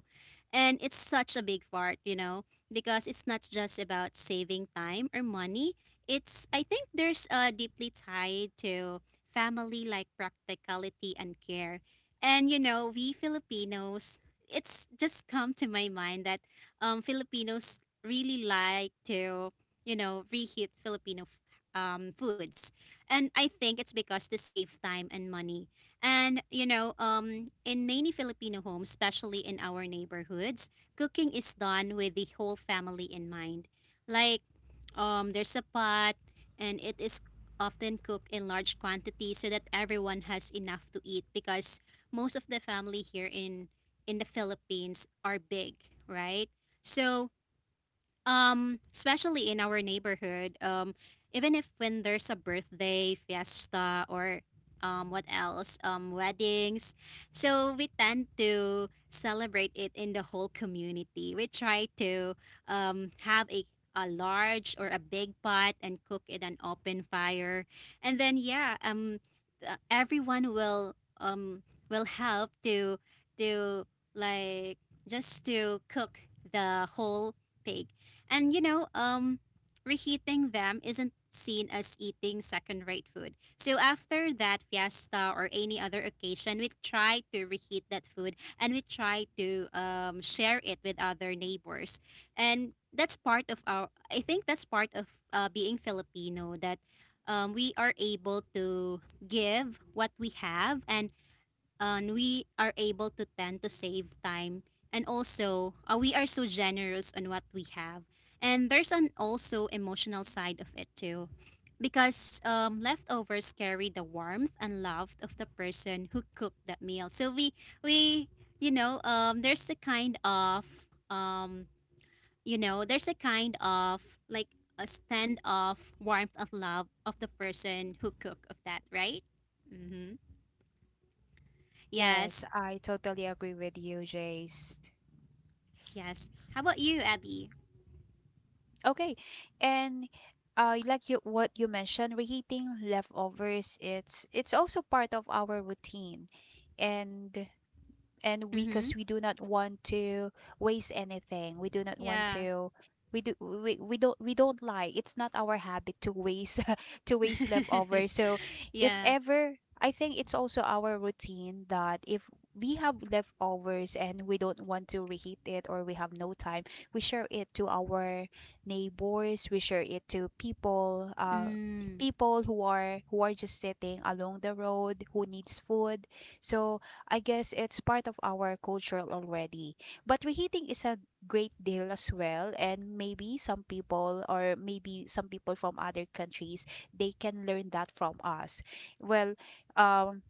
Speaker 2: And it's such a big part you know, because it's not just about saving time or money. It's I think there's deeply tied to family like practicality and care. And you know, we Filipinos, it's just come to my mind that Filipinos really like to, you know, reheat Filipino foods. And I think it's because to save time and money. And, you know, in many Filipino homes, especially in our neighborhoods, cooking is done with the whole family in mind. Like, there's a pot and it is often cooked in large quantities so that everyone has enough to eat because most of the family here in the Philippines are big, right? So especially in our neighborhood, even if when there's a birthday, fiesta, or what else, weddings, so we tend to celebrate it in the whole community. We try to have a large or a big pot and cook it an open fire, and then yeah, everyone will help to like just to cook the whole pig. And you know, reheating them isn't seen as eating second rate food. So after that fiesta or any other occasion, we try to reheat that food and we try to share it with other neighbors. And that's part of our, I think that's part of being Filipino that we are able to give what we have, and we are able to tend to save time, and also we are so generous on what we have. And there's an also emotional side of it too because leftovers carry the warmth and love of the person who cooked that meal, so we you know there's a kind of you know there's a kind of like a stand of warmth and love of the person who cooked of that, right? Mm-hmm. Yes.
Speaker 3: Yes, I totally agree with you, Jace.
Speaker 2: Yes. How about you, Abby?
Speaker 3: Okay, and like you what you mentioned, reheating leftovers, it's also part of our routine, and and we,
Speaker 2: Mm-hmm.
Speaker 3: because we do not want to waste anything, we do not want
Speaker 2: Yeah.
Speaker 3: to, we don't, like, it's not our habit to waste to waste leftover. So if
Speaker 2: Yeah.
Speaker 3: ever, I think it's also our routine that if we have leftovers and we don't want to reheat it, or we have no time, we share it to our neighbors, we share it to people,
Speaker 2: Mm.
Speaker 3: people who are, just sitting along the road, who needs food. So I guess it's part of our culture already. But reheating is a great deal as well, and maybe some people, or maybe some people from other countries, they can learn that from us. Well, um,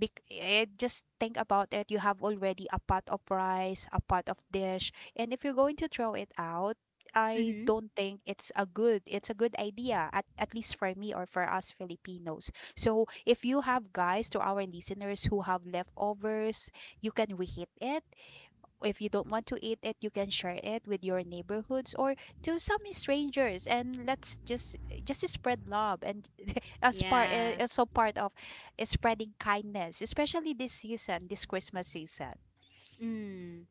Speaker 3: Just think about it. You have already a pot of rice, a pot of dish, and if you're going to throw it out, I
Speaker 2: Mm-hmm.
Speaker 3: don't think it's a good idea at least for me or for us Filipinos. So if you have guys to our listeners who have leftovers, you can reheat it if you don't want to eat it, you can share it with your neighborhoods or to some strangers, and let's just spread love and as part
Speaker 2: Yeah.
Speaker 3: also part of spreading kindness, especially this season, this Christmas season.
Speaker 2: Mm.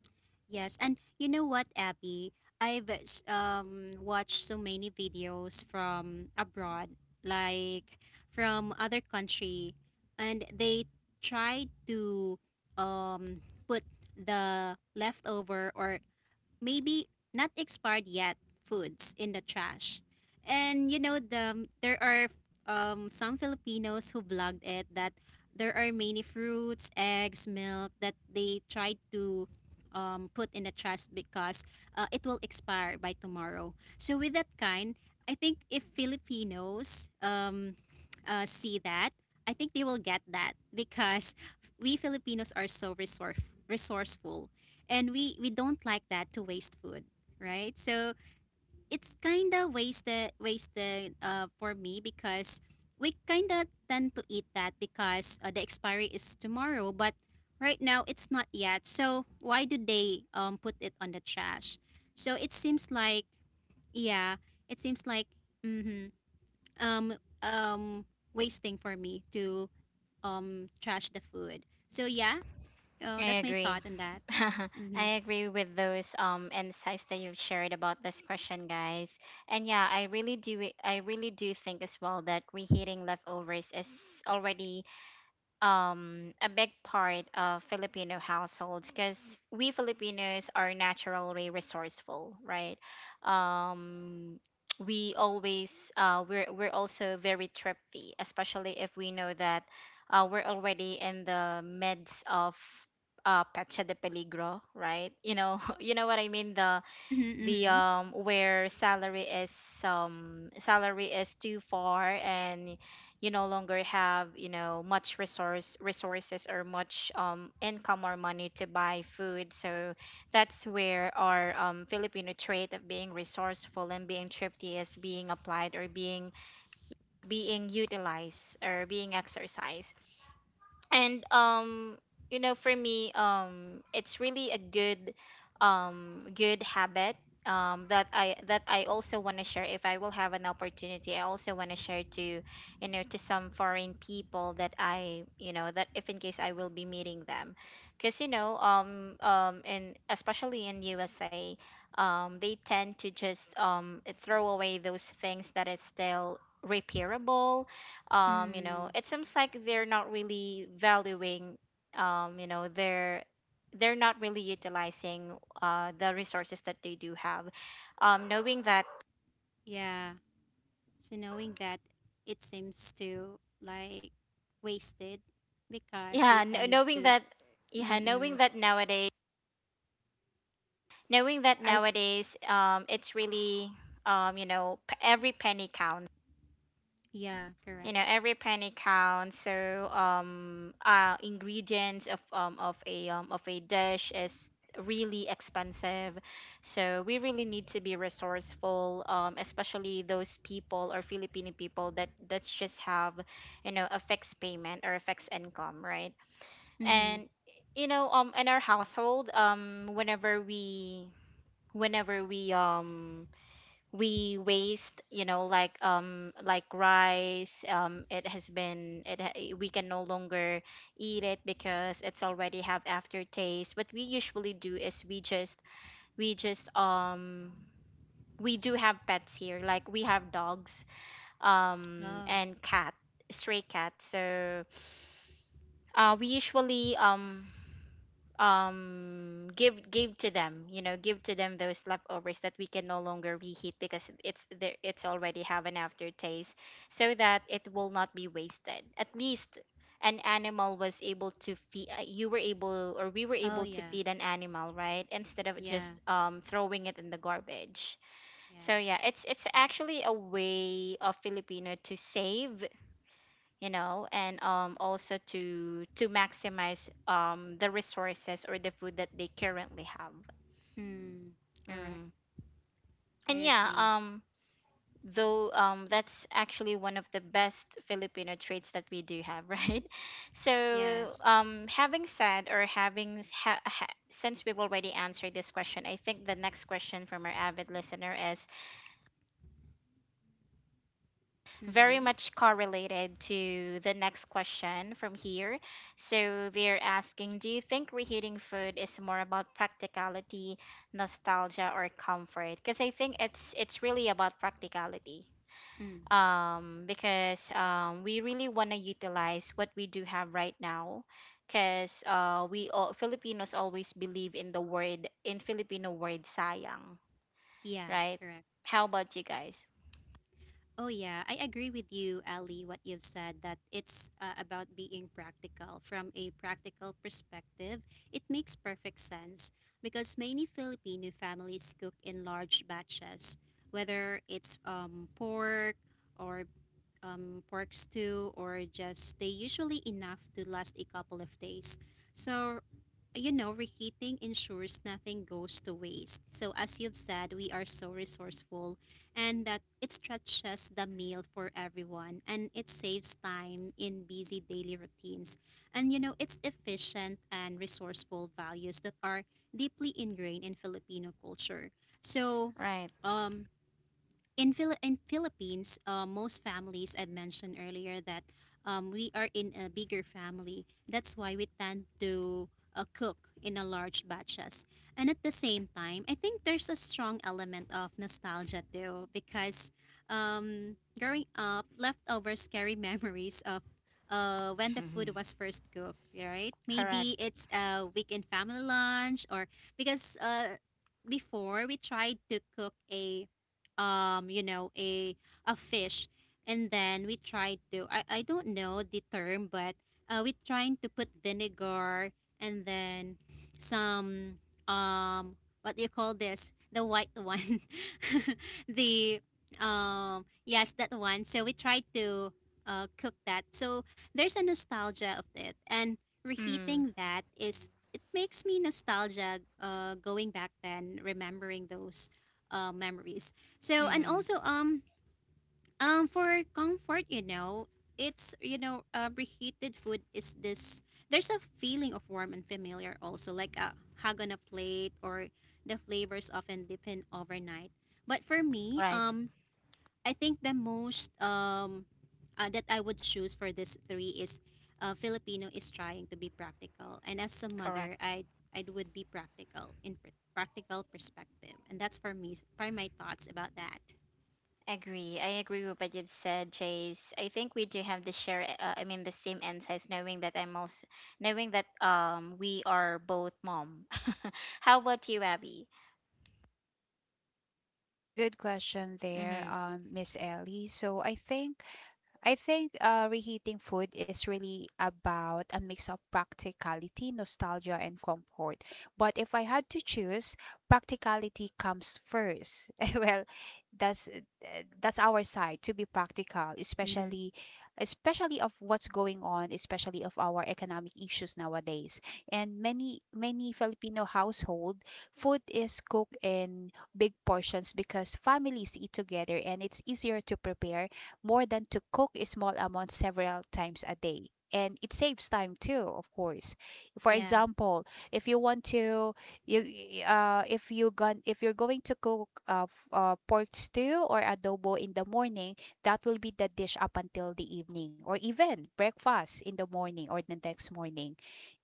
Speaker 2: Yes. And you know what, Abby? I've watched so many videos from abroad, like from other country, and they try to um put the leftover or maybe not expired yet foods in the trash. And you know there are some Filipinos who vlogged it that there are many fruits, eggs, milk that they tried to put in the trash because it will expire by tomorrow. So with that kind, I think if Filipinos see that, I think they will get that because we Filipinos are so resourceful and we don't like that to waste food, right? So it's kind of wasted for me because we kind of tend to eat that because the expiry is tomorrow but right now it's not yet, so why do they put it on the trash? So it seems like yeah it seems like mm-hmm, um um wasting for me to trash the food. So yeah
Speaker 1: I
Speaker 2: that's my
Speaker 1: agree
Speaker 2: thought on that. Mm-hmm.
Speaker 1: I agree with those insights that you've shared about this question, guys. And yeah, I really do think as well that reheating leftovers is already, um, a big part of Filipino households because we Filipinos are naturally resourceful, right? Um, we always, we're also very thrifty, especially if we know that, we're already in the midst of, Pecha de Peligro, right? You know, you know what I mean. The
Speaker 2: Mm-hmm,
Speaker 1: the
Speaker 2: mm-hmm.
Speaker 1: um where salary is, salary is too far and you no longer have, you know, much resources or much, um, income or money to buy food. So that's where our, um, Filipino trait of being resourceful and being thrifty is being applied or being utilized or being exercised. And, um, you know, for me, um, it's really a good, good habit, um, that I that I also want to share. If I will have an opportunity, I also want to share to, you know, to some foreign people that I, you know, that if in case I will be meeting them. Because you know, and especially in USA, um, they tend to just, um, throw away those things that is still repairable. Um, you know,
Speaker 2: Mm,
Speaker 1: it seems like they're not really valuing, you know, they're not really utilizing, uh, the resources that they do have, um, knowing that,
Speaker 2: yeah. So knowing that it seems to like wasted because they
Speaker 1: yeah kn-
Speaker 2: tend
Speaker 1: knowing
Speaker 2: to.
Speaker 1: that yeah
Speaker 2: Mm-mm.
Speaker 1: knowing that nowadays,
Speaker 3: I
Speaker 1: um, it's really, you know, every penny counts.
Speaker 2: Yeah, correct.
Speaker 1: You know, every penny counts. So, ingredients of, of a dish is really expensive. So we really need to be resourceful, um, especially those people or Filipino people that that's just have, you know, a fixed payment or a fixed income, right?
Speaker 2: Mm-hmm.
Speaker 1: And you know, um, in our household, um, whenever we, whenever we um we waste, you know, like, um, like rice, um, it has been, we can no longer eat it because it's already have aftertaste, what we usually do is we just, we just um we do have pets here, like we have dogs, um,
Speaker 2: Oh,
Speaker 1: and cat, stray cat. So, uh, we usually, give to them, you know, give to them those leftovers that we can no longer reheat because it's already have an aftertaste, so that it will not be wasted. At least an animal was able to feed, you were able or we were
Speaker 2: oh
Speaker 1: able to
Speaker 2: yeah,
Speaker 1: feed an animal, right, instead of
Speaker 2: yeah,
Speaker 1: just, um, throwing it in the garbage. So
Speaker 2: yeah.
Speaker 1: yeah, it's actually a way of Filipino to save, you know, and, um, also to maximize, um, the resources or the food that they currently have.
Speaker 2: Mm, correct.
Speaker 1: mm.
Speaker 2: I
Speaker 1: And yeah,
Speaker 2: agree.
Speaker 1: um, though, um, that's actually one of the best Filipino traits that we do have, right? So,
Speaker 2: Yes.
Speaker 1: um, having said or having s- ha- ha- since we've already answered this question, I think the next question from our avid listener is very
Speaker 2: Mm-hmm.
Speaker 1: much correlated to the next question from here. So they're asking, do you think reheating food is more about practicality, nostalgia, or comfort? Because I think it's really about practicality.
Speaker 2: Mm,
Speaker 1: Because, we really want to utilize what we do have right now. Because, we all, Filipinos always believe in the word, in Filipino word, sayang,
Speaker 2: yeah,
Speaker 1: right?
Speaker 2: correct.
Speaker 1: How about you guys?
Speaker 2: Oh yeah, I agree with you, Ali. What you've said that it's about being practical from a practical perspective. It makes perfect sense because many Filipino families cook in large batches, whether it's or pork stew or just they usually enough to last a couple of days. So you know, reheating ensures nothing goes to waste. So, as you've said, we are so resourceful and that it stretches the meal for everyone and it saves time in busy daily routines. And, you know, it's efficient and resourceful values that are deeply ingrained in Filipino culture. So,
Speaker 1: Right.
Speaker 2: um, in Philippines, most families I mentioned earlier that we are in a bigger family. That's why we tend to cook in a large batches. And at the same time, I think there's a strong element of nostalgia too because growing up, leftovers carry memories of when the food
Speaker 1: Mhm.
Speaker 2: was first cooked, right? Maybe
Speaker 1: Correct.
Speaker 2: it's a weekend family lunch or because before we tried to cook a um you know a a fish. And then we tried to I don't know the term but we trying to put vinegar, and then some, um what do you call this, the white one, the, yes, that one. So we tried to cook that. So there's a nostalgia of it, and
Speaker 1: Mm.
Speaker 2: reheating that is makes me nostalgia going back then, remembering those memories. So, and
Speaker 1: Mm-hmm.
Speaker 2: also, for comfort, reheated food is this, there's a feeling of warm and familiar also, like a hug on a plate, or the flavors often deepen overnight. But for me,
Speaker 1: Right.
Speaker 2: I think the most that I would choose for this three is Filipino is trying to be practical, and as a mother,
Speaker 1: Correct.
Speaker 2: I would be practical in practical perspective, and that's for me for my thoughts about that.
Speaker 1: Agree. I agree with what you've said, Chase. I think we do have the share. I mean, the same insights. Knowing that I'm also knowing that, um, we are both mom. How about you, Abby?
Speaker 3: Good question there,
Speaker 1: Mm-hmm.
Speaker 3: Miss Ellie. So I think reheating food is really about a mix of practicality, nostalgia, and comfort. But if I had to choose, practicality comes first. Well, that's our side to be practical,
Speaker 2: Mm-hmm.
Speaker 3: especially of what's going on, especially of our economic issues nowadays. And many Filipino household, food is cooked in big portions because families eat together, and it's easier to prepare more than to cook a small amount several times a day. And it saves time too, of course. For
Speaker 2: Yeah.
Speaker 3: example, if you want to, you if you gon if you're going to cook pork stew or adobo in the morning, that will be the dish up until the evening or even breakfast in the morning or the next morning.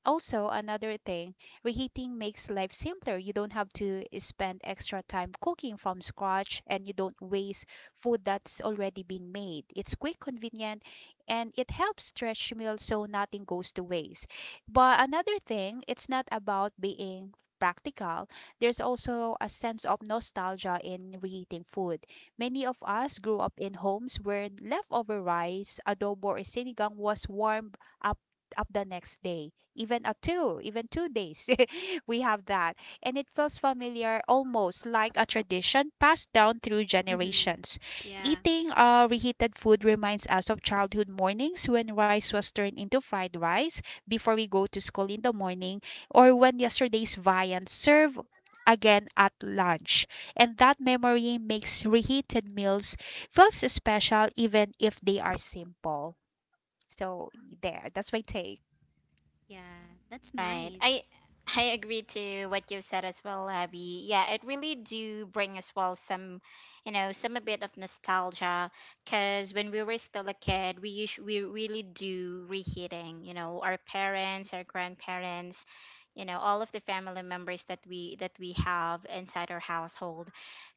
Speaker 3: Also, another thing, reheating makes life simpler. You don't have to spend extra time cooking from scratch and you don't waste food that's already been made. It's quick, convenient, and it helps stretch meals so nothing goes to waste. But another thing, it's not about being practical. There's also a sense of nostalgia in reheating food. Many of us grew up in homes where leftover rice, adobo, or sinigang was warmed up up the next day, even two days. We have that. And it feels familiar, almost like a tradition passed down through
Speaker 2: Mm-hmm.
Speaker 3: generations.
Speaker 2: Yeah.
Speaker 3: Eating reheated food reminds us of childhood mornings when rice was turned into fried rice before we go to school in the morning, or when yesterday's viand served again at lunch. And that memory makes reheated meals feels special even if they are simple. So there, that's my take.
Speaker 2: Yeah. That's
Speaker 1: Right.
Speaker 2: nice.
Speaker 1: I agree to what you said as well, Abby. Yeah, it really do bring as well some, you know, some a bit of nostalgia. Cause when we were still a kid, we really do reheating. You know, our parents, our grandparents, you know, all of the family members that we have inside our household.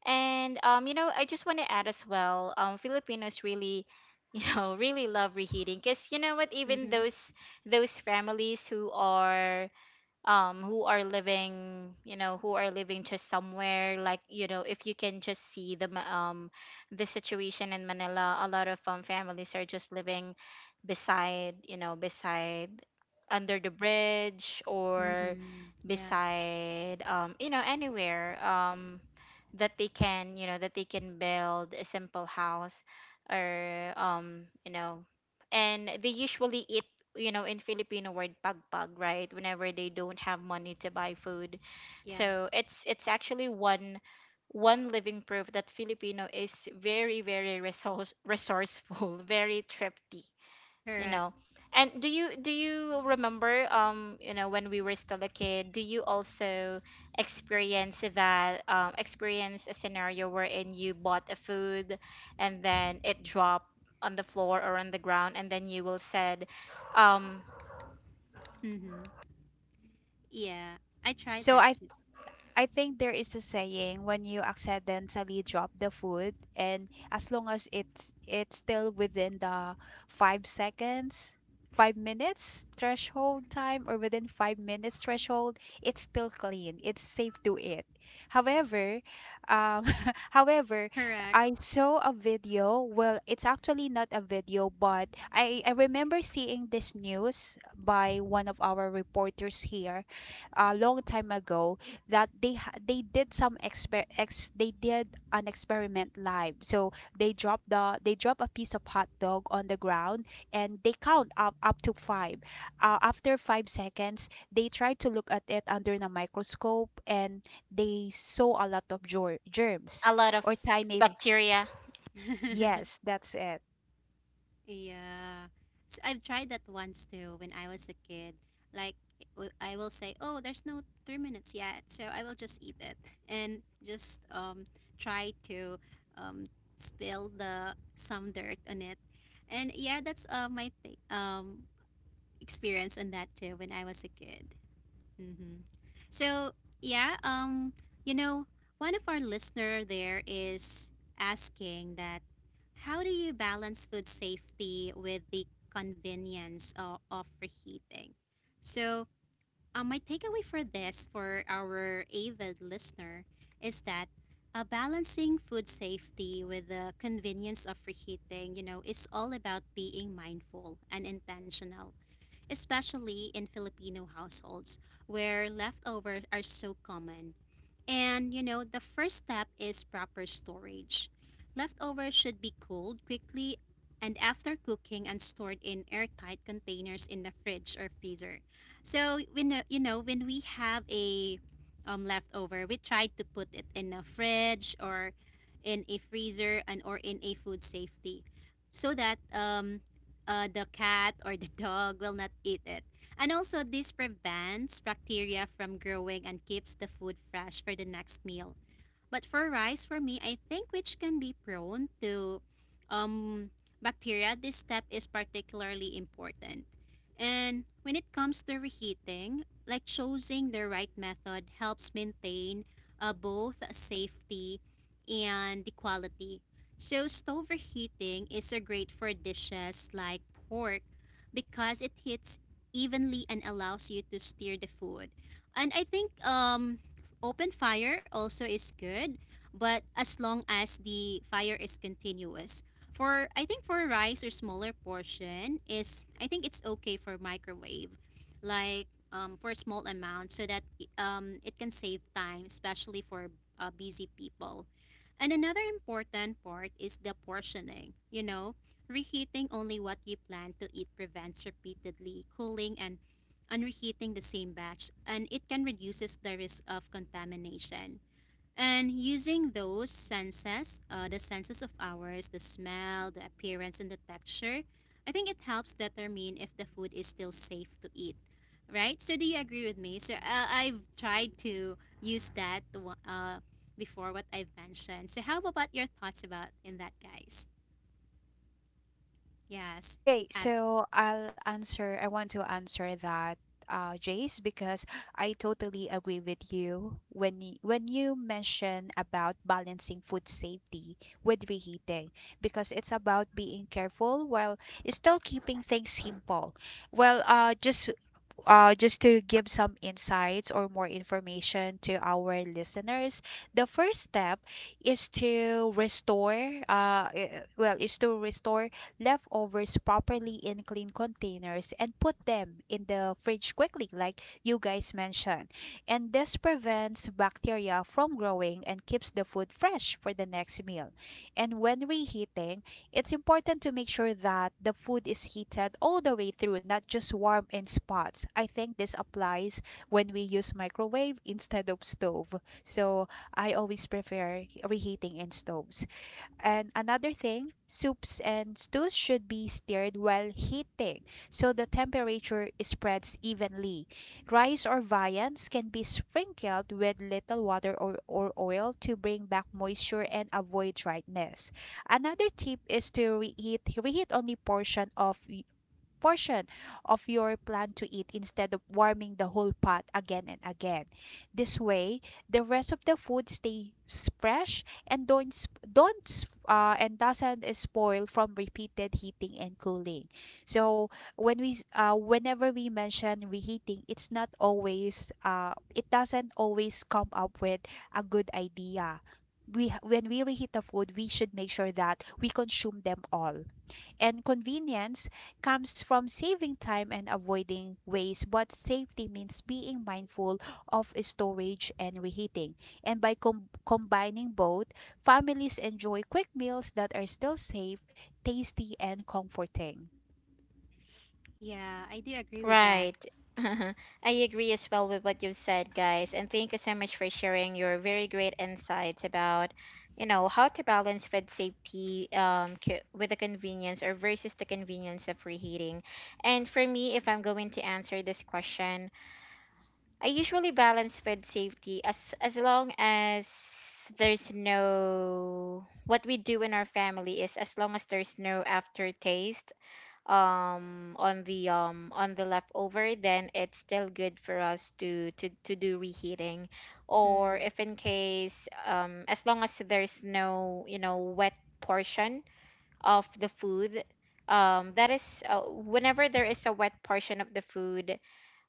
Speaker 1: And you know, I just want to add as well, Filipinos really, you know, really love reheating. Cause you know what, even
Speaker 2: Mm-hmm.
Speaker 1: those families who are, um, who are living, you know, who are living just somewhere, like, you know, if you can just see the, the situation in Manila, a lot of, um, families are just living beside, you know, beside under the bridge, or
Speaker 2: Mm-hmm. Yeah.
Speaker 1: beside, um, you know, anywhere, um, that they can, you know, that they can build a simple house, or, um, you know, and they usually eat, you know, in Filipino word pagpag, right? Whenever they don't have money to buy food.
Speaker 2: Yeah.
Speaker 1: So it's actually one living proof that Filipino is very, very resourceful, very thrifty, you
Speaker 2: Correct.
Speaker 1: know. And do you remember, um, you know, when we were still a kid, do you also experience that, experience a scenario wherein you bought a food and then it dropped on the floor or on the ground, and then you will said, um,
Speaker 2: Mm-hmm. Yeah. I tried
Speaker 3: So
Speaker 2: that
Speaker 3: I
Speaker 2: too.
Speaker 3: I think there is a saying when you accidentally drop the food and as long as it's still within the 5 seconds, 5 minutes threshold time or within 5 minutes threshold, it's still clean. It's safe to eat. However, um however,
Speaker 2: Correct.
Speaker 3: I saw a video, well, it's actually not a video, but I remember seeing this news by one of our reporters here a long time ago that they did some exper- ex they did an experiment live, so they drop a piece of hot dog on the ground and they count up to five. After 5 seconds, they tried to look at it under the microscope and they saw a lot of
Speaker 1: a
Speaker 3: germs
Speaker 1: lot of
Speaker 3: or tiny,
Speaker 1: bacteria.
Speaker 3: yes, that's it.
Speaker 2: Yeah. S I've tried that once too when I was a kid. Like, I will say, oh, there's no 3 minutes yet, so I will just eat it and just try to um, spill the some dirt on it. And yeah, that's my experience on that too when I was a kid. Mm-hmm. So yeah, you know, one of our listener there is asking that how do you balance food safety with the convenience of reheating? So my takeaway for this, for our avid listener, is that balancing food safety with the convenience of reheating, you know, is all about being mindful and intentional, especially in Filipino households where leftovers are so common. And you know, the first step is proper storage. Leftovers should be cooled quickly and after cooking and stored in airtight containers in the fridge or freezer. So when you know, when we have a leftover, we try to put it in a fridge or in a freezer and or in a food safety, so that the cat or the dog will not eat it. And also, this prevents bacteria from growing and keeps the food fresh for the next meal. But for rice, for me, I think, which can be prone to um, bacteria, this step is particularly important. And when it comes to reheating, like choosing the right method helps maintain both safety and the quality. So stove reheating is a great for dishes like pork because it heats evenly and allows you to steer the food. And I think open fire also is good, but as long as the fire is continuous. For I think for rice or smaller portion is I think it's okay for microwave, like for small amount so that it can save time, especially for busy people. And another important part is the portioning. You know, reheating only what you plan to eat prevents repeatedly cooling and reheating the same batch, and it can reduces the risk of contamination. And using those senses, the senses of ours, the smell, the appearance, and the texture, I think it helps determine if the food is still safe to eat. Right? So, do you agree with me? So, I've tried to use that before what I've mentioned. So, how about your thoughts about in that, guys? Yes.
Speaker 3: Okay,
Speaker 2: Ab-
Speaker 3: so I'll answer. I want to answer that, Jace, because I totally agree with you when when you mention about balancing food safety with reheating, because it's about being careful while still keeping things simple. Well, just to give some insights or more information to our listeners, the first step is to restore leftovers properly in clean containers and put them in the fridge quickly, like you guys mentioned. And this prevents bacteria from growing and keeps the food fresh for the next meal. And when reheating, it's important to make sure that the food is heated all the way through, not just warm in spots. I think this applies when we use microwave instead of stove. So I always prefer reheating in stoves. And another thing, soups and stews should be stirred while heating so the temperature spreads evenly. Rice or viands can be sprinkled with little water or oil to bring back moisture and avoid dryness. Another tip is to reheat only portion of your plan to eat instead of warming the whole pot again and again. This way, the rest of the food stays fresh and don't sp- don't s- and doesn't spoil from repeated heating and cooling. So whenever we mention reheating, it's not always it doesn't always come up with a good idea. When we reheat the food, we should make sure that we consume them all. And convenience comes from saving time and avoiding waste, but safety means being mindful of storage and reheating. And by combining both, families enjoy quick meals that are still safe, tasty, and comforting.
Speaker 2: yeah, I do agree with that.
Speaker 1: Right. I agree as well with what you've said, guys. And thank you so much for sharing your very great insights about, you know, how to balance food safety, with the convenience or versus the convenience of reheating. And for me, if I'm going to answer this question, I usually balance food safety as long as there's no, what we do in our family is as long as there's no aftertaste, um, on the, on the leftover, then it's still good for us to to do reheating. Or
Speaker 2: Mm.
Speaker 1: if in case, um, as long as there's no, you know, wet portion of the food, that is whenever there is a wet portion of the food,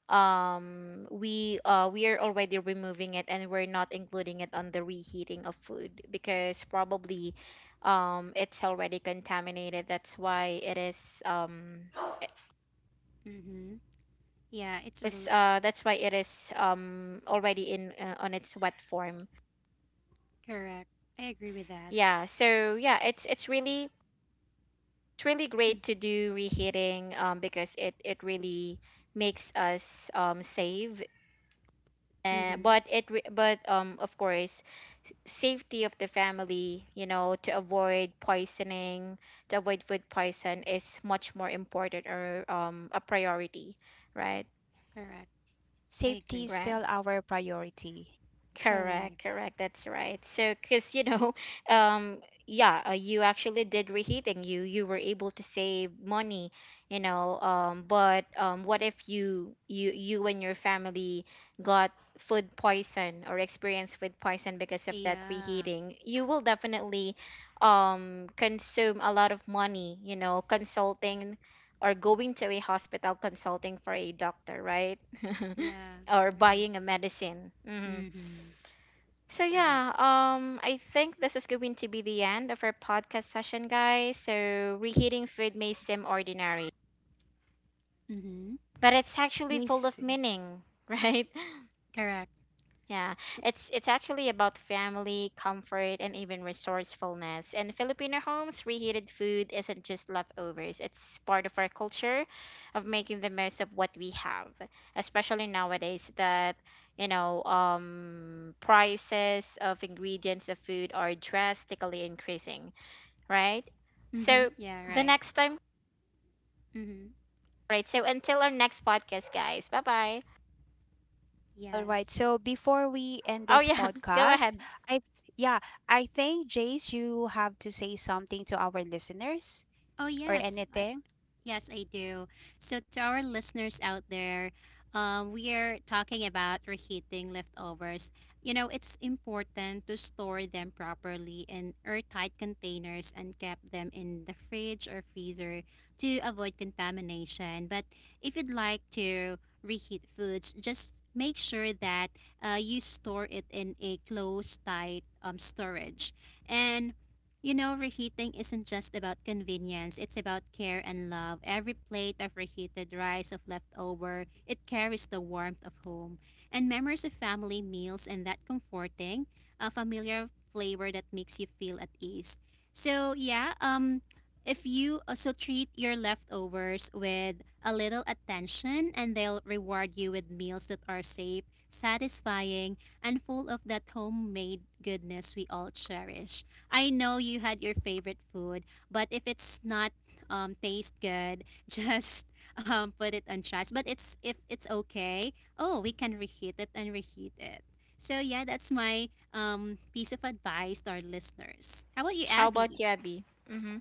Speaker 1: um, we, we are already removing it, and we're not including it on the reheating of food, because probably, um, it's already contaminated, that's why it is,
Speaker 2: Mm-hmm. Yeah, it's a
Speaker 1: was that's why it is, um, already in, on its wet form.
Speaker 2: Correct. I agree with that.
Speaker 1: Yeah, so yeah, it's really, it's really great to do reheating, um, because it really makes us, um, save,
Speaker 2: Mm-hmm.
Speaker 1: but um, of course, safety of the family, you know, to avoid poisoning, to avoid food poison, is much more important or, um, a priority, right?
Speaker 2: Correct. I
Speaker 3: Safety is
Speaker 2: agree.
Speaker 1: Right.
Speaker 3: still our priority.
Speaker 2: Correct.
Speaker 1: Correct, correct. That's right. So, because you know, um, yeah, you actually did reheating. you were able to save money, you know. But what if you you and your family got food poison or experienced food poison because of that
Speaker 2: Yeah.
Speaker 1: reheating? You will definitely, um, consume a lot of money, you know, consulting or going to a hospital, consulting for a doctor, right?
Speaker 2: Yeah.
Speaker 1: Or
Speaker 2: Right.
Speaker 1: buying a medicine.
Speaker 2: Mm-hmm.
Speaker 1: So
Speaker 2: Correct.
Speaker 1: yeah, um, I think this is going to be the end of our podcast session, guys. So reheating food may seem ordinary,
Speaker 2: Mm-hmm.
Speaker 1: but it's
Speaker 3: It
Speaker 1: actually full
Speaker 3: means
Speaker 1: of meaning, right?
Speaker 2: Correct.
Speaker 1: Yeah, it's actually about family, comfort, and even resourcefulness. And Filipino homes, reheated food isn't just leftovers. It's part of our culture of making the most of what we have, especially nowadays that, you know, um, prices of ingredients of food are drastically increasing, right?
Speaker 2: Mm-hmm.
Speaker 1: So
Speaker 2: Yeah,
Speaker 1: the
Speaker 2: right.
Speaker 1: next time,
Speaker 2: Mm-hmm.
Speaker 1: right? So until our next podcast, guys. Bye bye.
Speaker 3: all right.
Speaker 2: Yes.
Speaker 3: So before we end
Speaker 1: Oh
Speaker 3: this
Speaker 1: yeah, go
Speaker 3: podcast,
Speaker 1: ahead.
Speaker 3: yeah, I think Jace, you have to say something to our listeners
Speaker 2: Oh,
Speaker 3: or
Speaker 2: yes. I,
Speaker 3: anything.
Speaker 2: Yes, I do. So, to our listeners out there, we are talking about reheating leftovers. You know, it's important to store them properly in airtight containers and keep them in the fridge or freezer to avoid contamination. But if you'd like to reheat foods, just make sure that you store it in a closed, tight storage. And you know, reheating isn't just about convenience, it's about care and love. Every plate of reheated rice, of leftover, it carries the warmth of home and memories of family meals and that comforting, a familiar flavor that makes you feel at ease. So, yeah, if you also treat your leftovers with a little attention, and they'll reward you with meals that are safe, satisfying, and full of that homemade goodness we all cherish. I know you had your favorite food, but if it's not taste good, just put it on trash. But it's if it's okay, oh, we can reheat it and reheat it. So yeah, that's my piece of advice to our listeners. How about you,
Speaker 1: How about
Speaker 2: Abby?
Speaker 1: you, Abby? Mm-hmm.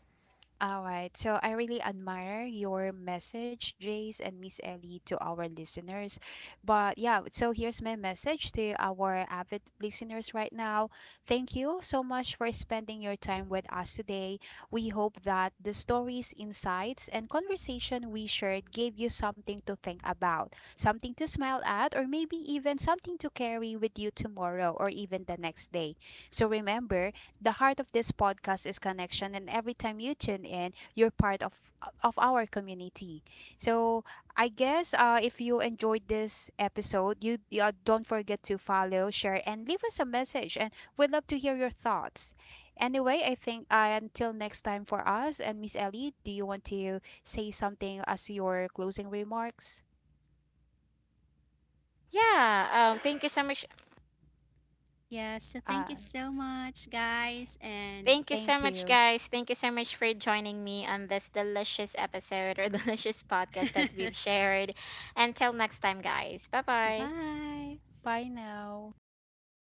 Speaker 3: All right. So I really admire your message, Jace and Miss Ellie, to our listeners. But yeah, so here's my message to our avid listeners right now. Thank you so much for spending your time with us today. We hope that the stories, insights, and conversation we shared gave you something to think about, something to smile at, or maybe even something to carry with you tomorrow or even the next day. So remember, the heart of this podcast is connection, and every time you tune in, you're part of our community. So I guess if you enjoyed this episode, you don't forget to follow, share, and leave us a message. And we'd love to hear your thoughts. Anyway, I think until next time for us and Miss Ellie, do you want to say something as your closing remarks?
Speaker 1: Yeah, thank you so much.
Speaker 2: Yeah. So
Speaker 3: Uh,
Speaker 2: thank you so much, guys, and
Speaker 1: Thank you so
Speaker 3: Thank
Speaker 1: much,
Speaker 3: you.
Speaker 1: guys. Thank you so much for joining me on this delicious episode or delicious podcast that we've shared. Until next time, guys. Bye bye.
Speaker 2: bye.
Speaker 3: Bye now.